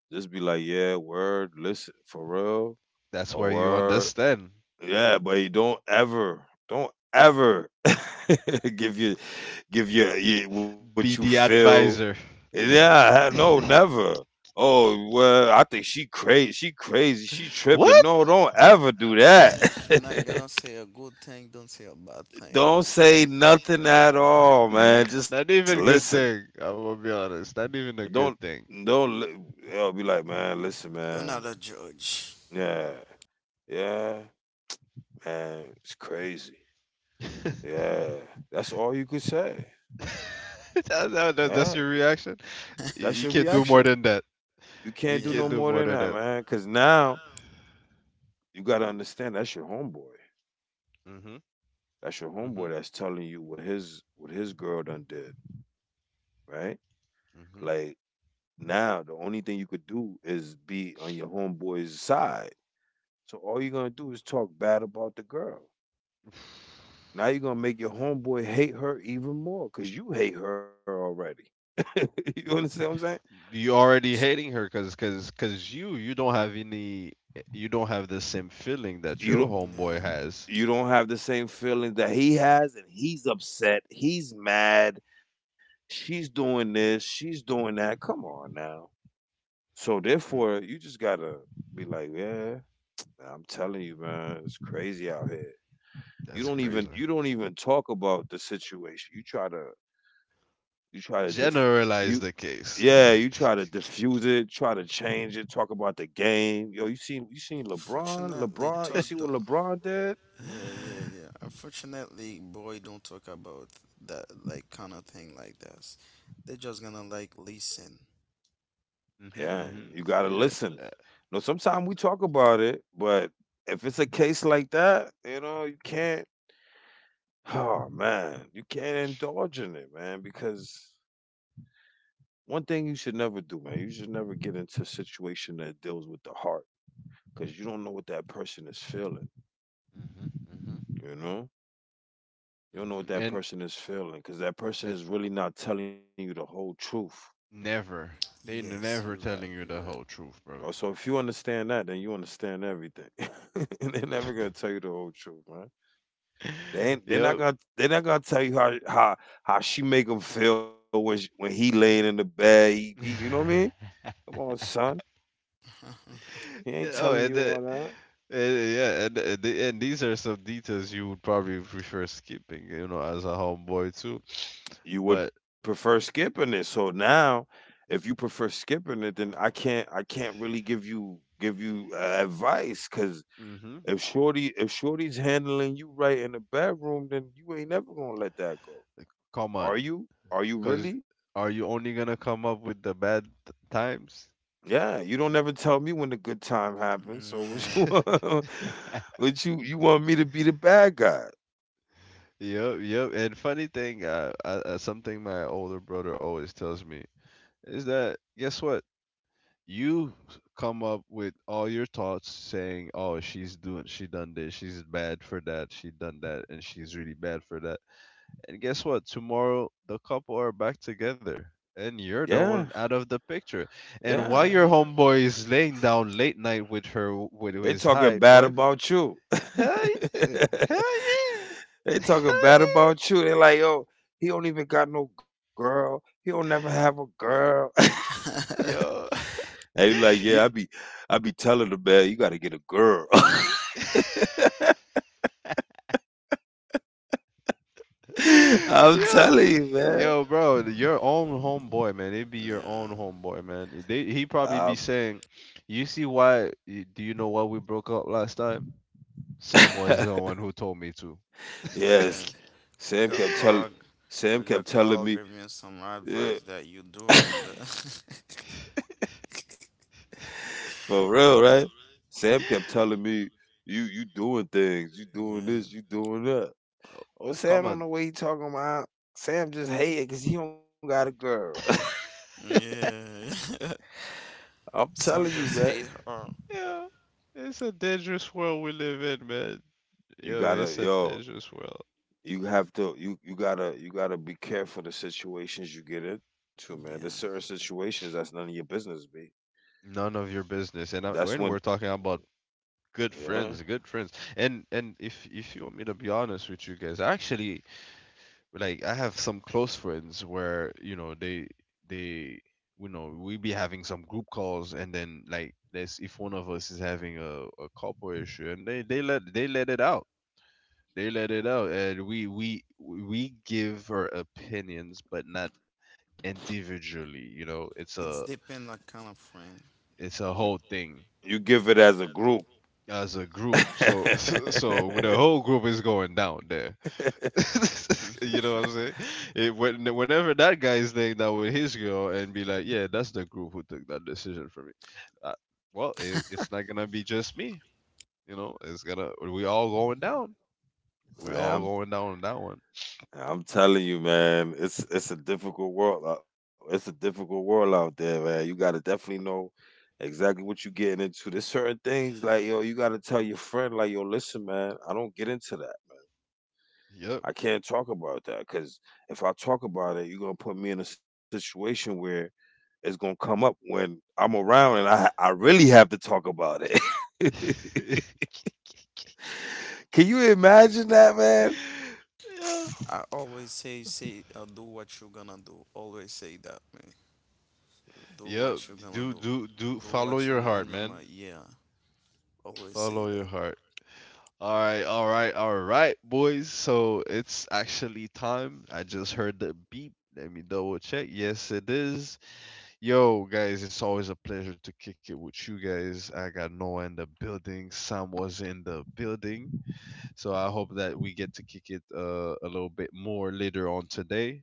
just be like, yeah, word, listen for real,
That's
a
where you
word.
understand.
Yeah, but you don't ever [LAUGHS] give your give your what you
Be the
feel.
advisor. [LAUGHS]
Yeah, no, never. Oh well, I think she crazy. She crazy. She tripping.
What?
Yeah,
No, don't
I
ever do that.
should not gonna say a good thing, don't say a bad
[LAUGHS]
thing.
Don't say nothing at
Yeah.
all, man. Just
Not even
listen.
good thing. I'm gonna be honest. Not even a
Don't
good thing.
don't. Li- I'll be like, man, listen,
You're
man.
not a judge.
Yeah, yeah, man. It's crazy. Yeah, that's all you could say.
[LAUGHS]
Yeah.
That's your reaction.
That's your
You can't do
reaction.
more than that.
You can't do
You
no
can't
Yeah.
more
do
than
more than
that,
that.
man. Cause now you gotta understand that's your homeboy.
Mhm.
That's your
Mhm.
homeboy that's telling you what his girl done did, right? Like,
Mhm.
now the only thing you could do is be on your homeboy's side. So all you're gonna do is talk bad about the girl. Now you're gonna make your homeboy hate her even more because you hate her already. [LAUGHS] You understand what I'm saying?
You already hating her because you don't have any, you don't have the same feeling that
You
your
don't
the Yeah. Young
homeboy
boy
has.
had.
You don't have the same feeling that he has, and he's upset. He's mad. She's doing this. She's doing that. Come on now. So
Mm,
therefore, you just gotta be like, yeah, I'm telling you, man, it's crazy out here. You
that's
don't
crazy.
even you don't even talk about the situation. You try to diffuse.
Generalize the case. [LAUGHS]
Yeah, you try to diffuse it, try to change it, talk about the game. Yo, you seen LeBron?
Unfortunately,
LeBron, you see
talk. The.
what LeBron did?
Yeah, yeah, yeah. Unfortunately, boy, don't talk about that like kind of thing like that. They're just gonna like listen.
Mhm.
Yeah,
Mhm.
you gotta
Yeah.
listen.
uh,
No, sometimes we talk about it, but if it's a case like that, you know, you can't. Oh man, you can't indulge in it, man. Because one thing you should never do, man, you should never get into a situation that deals with the heart, because you don't know what that person is feeling.
Mhm. Mhm.
You know, you don't know what
Mhm.
that
And
person is feeling, because that person
uh,
is really not telling you the whole truth.
never they
Yes, you're
never
right.
telling you
You're
the
right.
whole truth,
Oh,
bro.
so if you understand that, then you understand everything. [LAUGHS] And they're never gonna tell you the whole truth, man.
[LAUGHS]
They ain't,
Yep.
they're not gonna they're not gonna tell you how she make him feel when sh when he laying in the bed. He You know what I mean?
[SIGHS] [LAUGHS]
Come on, son.
[LAUGHS]
[LAUGHS] Yeah,
He
Oh,
ain't
and
telling
the,
you all that.
and, yeah, and these are some details you would probably prefer skipping, you know, as a homeboy too.
You
But
would prefer skipping it. So now, if you prefer skipping it, then I can't really give you advice, because
hmm
if shorty's handling you right in the bedroom, then you ain't never gonna let that go.
come
Are
on,
you? Are you
because
really?
are you only gonna come up with the times?
Yeah, you don't ever tell me when the good time happens.
China.
So what
Yeah.
you [LAUGHS]
[LAUGHS]
want? What you want me to be the bad guy?
Yep, yep. And funny thing, something my older brother always tells me is that guess what? You come up with all your thoughts saying, "Oh, she's doing, she done this, she's bad for that, she done that, and she's really bad for that." And guess what, tomorrow the couple are back together and you're
Yeah,
the one out of the picture, and
Why?
yeah.
while your
Mhm.
homeboy is laying down late night with her, with
They
his
talking
high
bad
wife.
about you. [LAUGHS]
Hell yeah. Hell yeah. [LAUGHS]
They talking bad
Hell
about you. They like, yo, he don't even got no girl. He don't never have a girl.
[LAUGHS] I'm
yeah.
telling
Yo,
[LAUGHS] And you like, yeah,
[LAUGHS]
I
you
be, I be telling the man, you got to get a girl.
[LAUGHS]
[LAUGHS]
[LAUGHS]
I'm
yo,
telling you,
you,
man.
man. Yo,
bro,
bro,
your
your
own
own
homeboy,
homeboy,
man. It'd be your own
man.
homeboy, man. He probably
Um,
be saying, "You see why? Do you know why we broke up last time? Sam was the
[LAUGHS]
one who told me to."
He was Yeah,
Yes,
yeah.
[LAUGHS]
We
Sam
got
kept telling
called.
Sam
We
kept
got
telling
called
me,
giving you some
yeah,
advice that you
[LAUGHS]
doing the.
[COUGHS] for real, right? Sam kept telling me, you doing things, you
[LAUGHS]
doing
Yeah,
this, you doing that. Oh, Sam
Come
don't
on.
know what he talking about. Sam just hated because he don't got a girl.
yeah.
[LAUGHS] I'm
[LAUGHS]
telling
Some
you,
just
man.
hate her.
Yeah, it's a dangerous world we live in, man.
You
Yo,
gotta,
it's a
yo,
dangerous world.
you gotta be careful the situations you get into, man. There's certain
Yeah,
situations that's none of your business, b.
None of your business, and
That's
and
when,
we're talking about good
yeah,
friends, good friends. And if you want me to be honest with you guys, actually, like I have some close friends where you know they you know we be having some group calls, and then like this, if one of us is having a corporate issue, and they let it out, they let it out, and we give our opinions, but not individually, you know.
it's depend like kind of friend.
It's a
you
whole thing,
give it as a group.
as a group. So [LAUGHS] so, so the
[LAUGHS]
whole group is going down there. [LAUGHS] You
[LAUGHS]
know what I'm saying? Whenever that guy is laying down with his girl and be like, "Yeah, that's the group who took that decision for me," uh, well, it's not gonna be just me. You know, it's gonna we all going down. We all
I'm
going down on that one.
I'm telling you, man, it's a difficult world. It's a difficult world out there, man. You gotta definitely know exactly what you're getting into. There's certain things like, yo, you gotta tell your friend, like, yo, listen, man, I don't get into that.
Yep.
I can't talk about that, because if I talk about it, you're gonna put me in a situation where it's gonna come up when I'm around and I really have to talk about it. [LAUGHS]
[LAUGHS]
Can you imagine that, man?
Yep.
I always say, do what you're gonna do. Always say that, man. Do
Yep.
what you're gonna
Do
do.
do do
Do
Follow
what you
your heart,
on your
man.
mind. Yeah. Always say
Follow your
that.
heart. All right, all right, all right, boys. So it's actually time. I just heard the beep. Let me double check. Yes, it is. Yo, guys, it's always a pleasure to kick it with you guys. I got Noah in the building. Sam was in the building. So I hope that we get to kick it a little bit more later on today.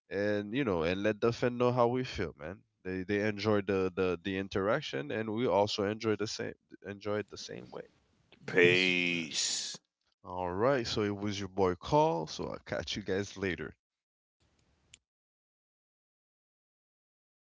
And, you know, and let the fan know how we feel, man. They enjoy the interaction, and we also enjoy the same, enjoy it the same way.
Yes, you're right.
Peace.
All right, so it was your boy Carl. So I'll catch you guys later.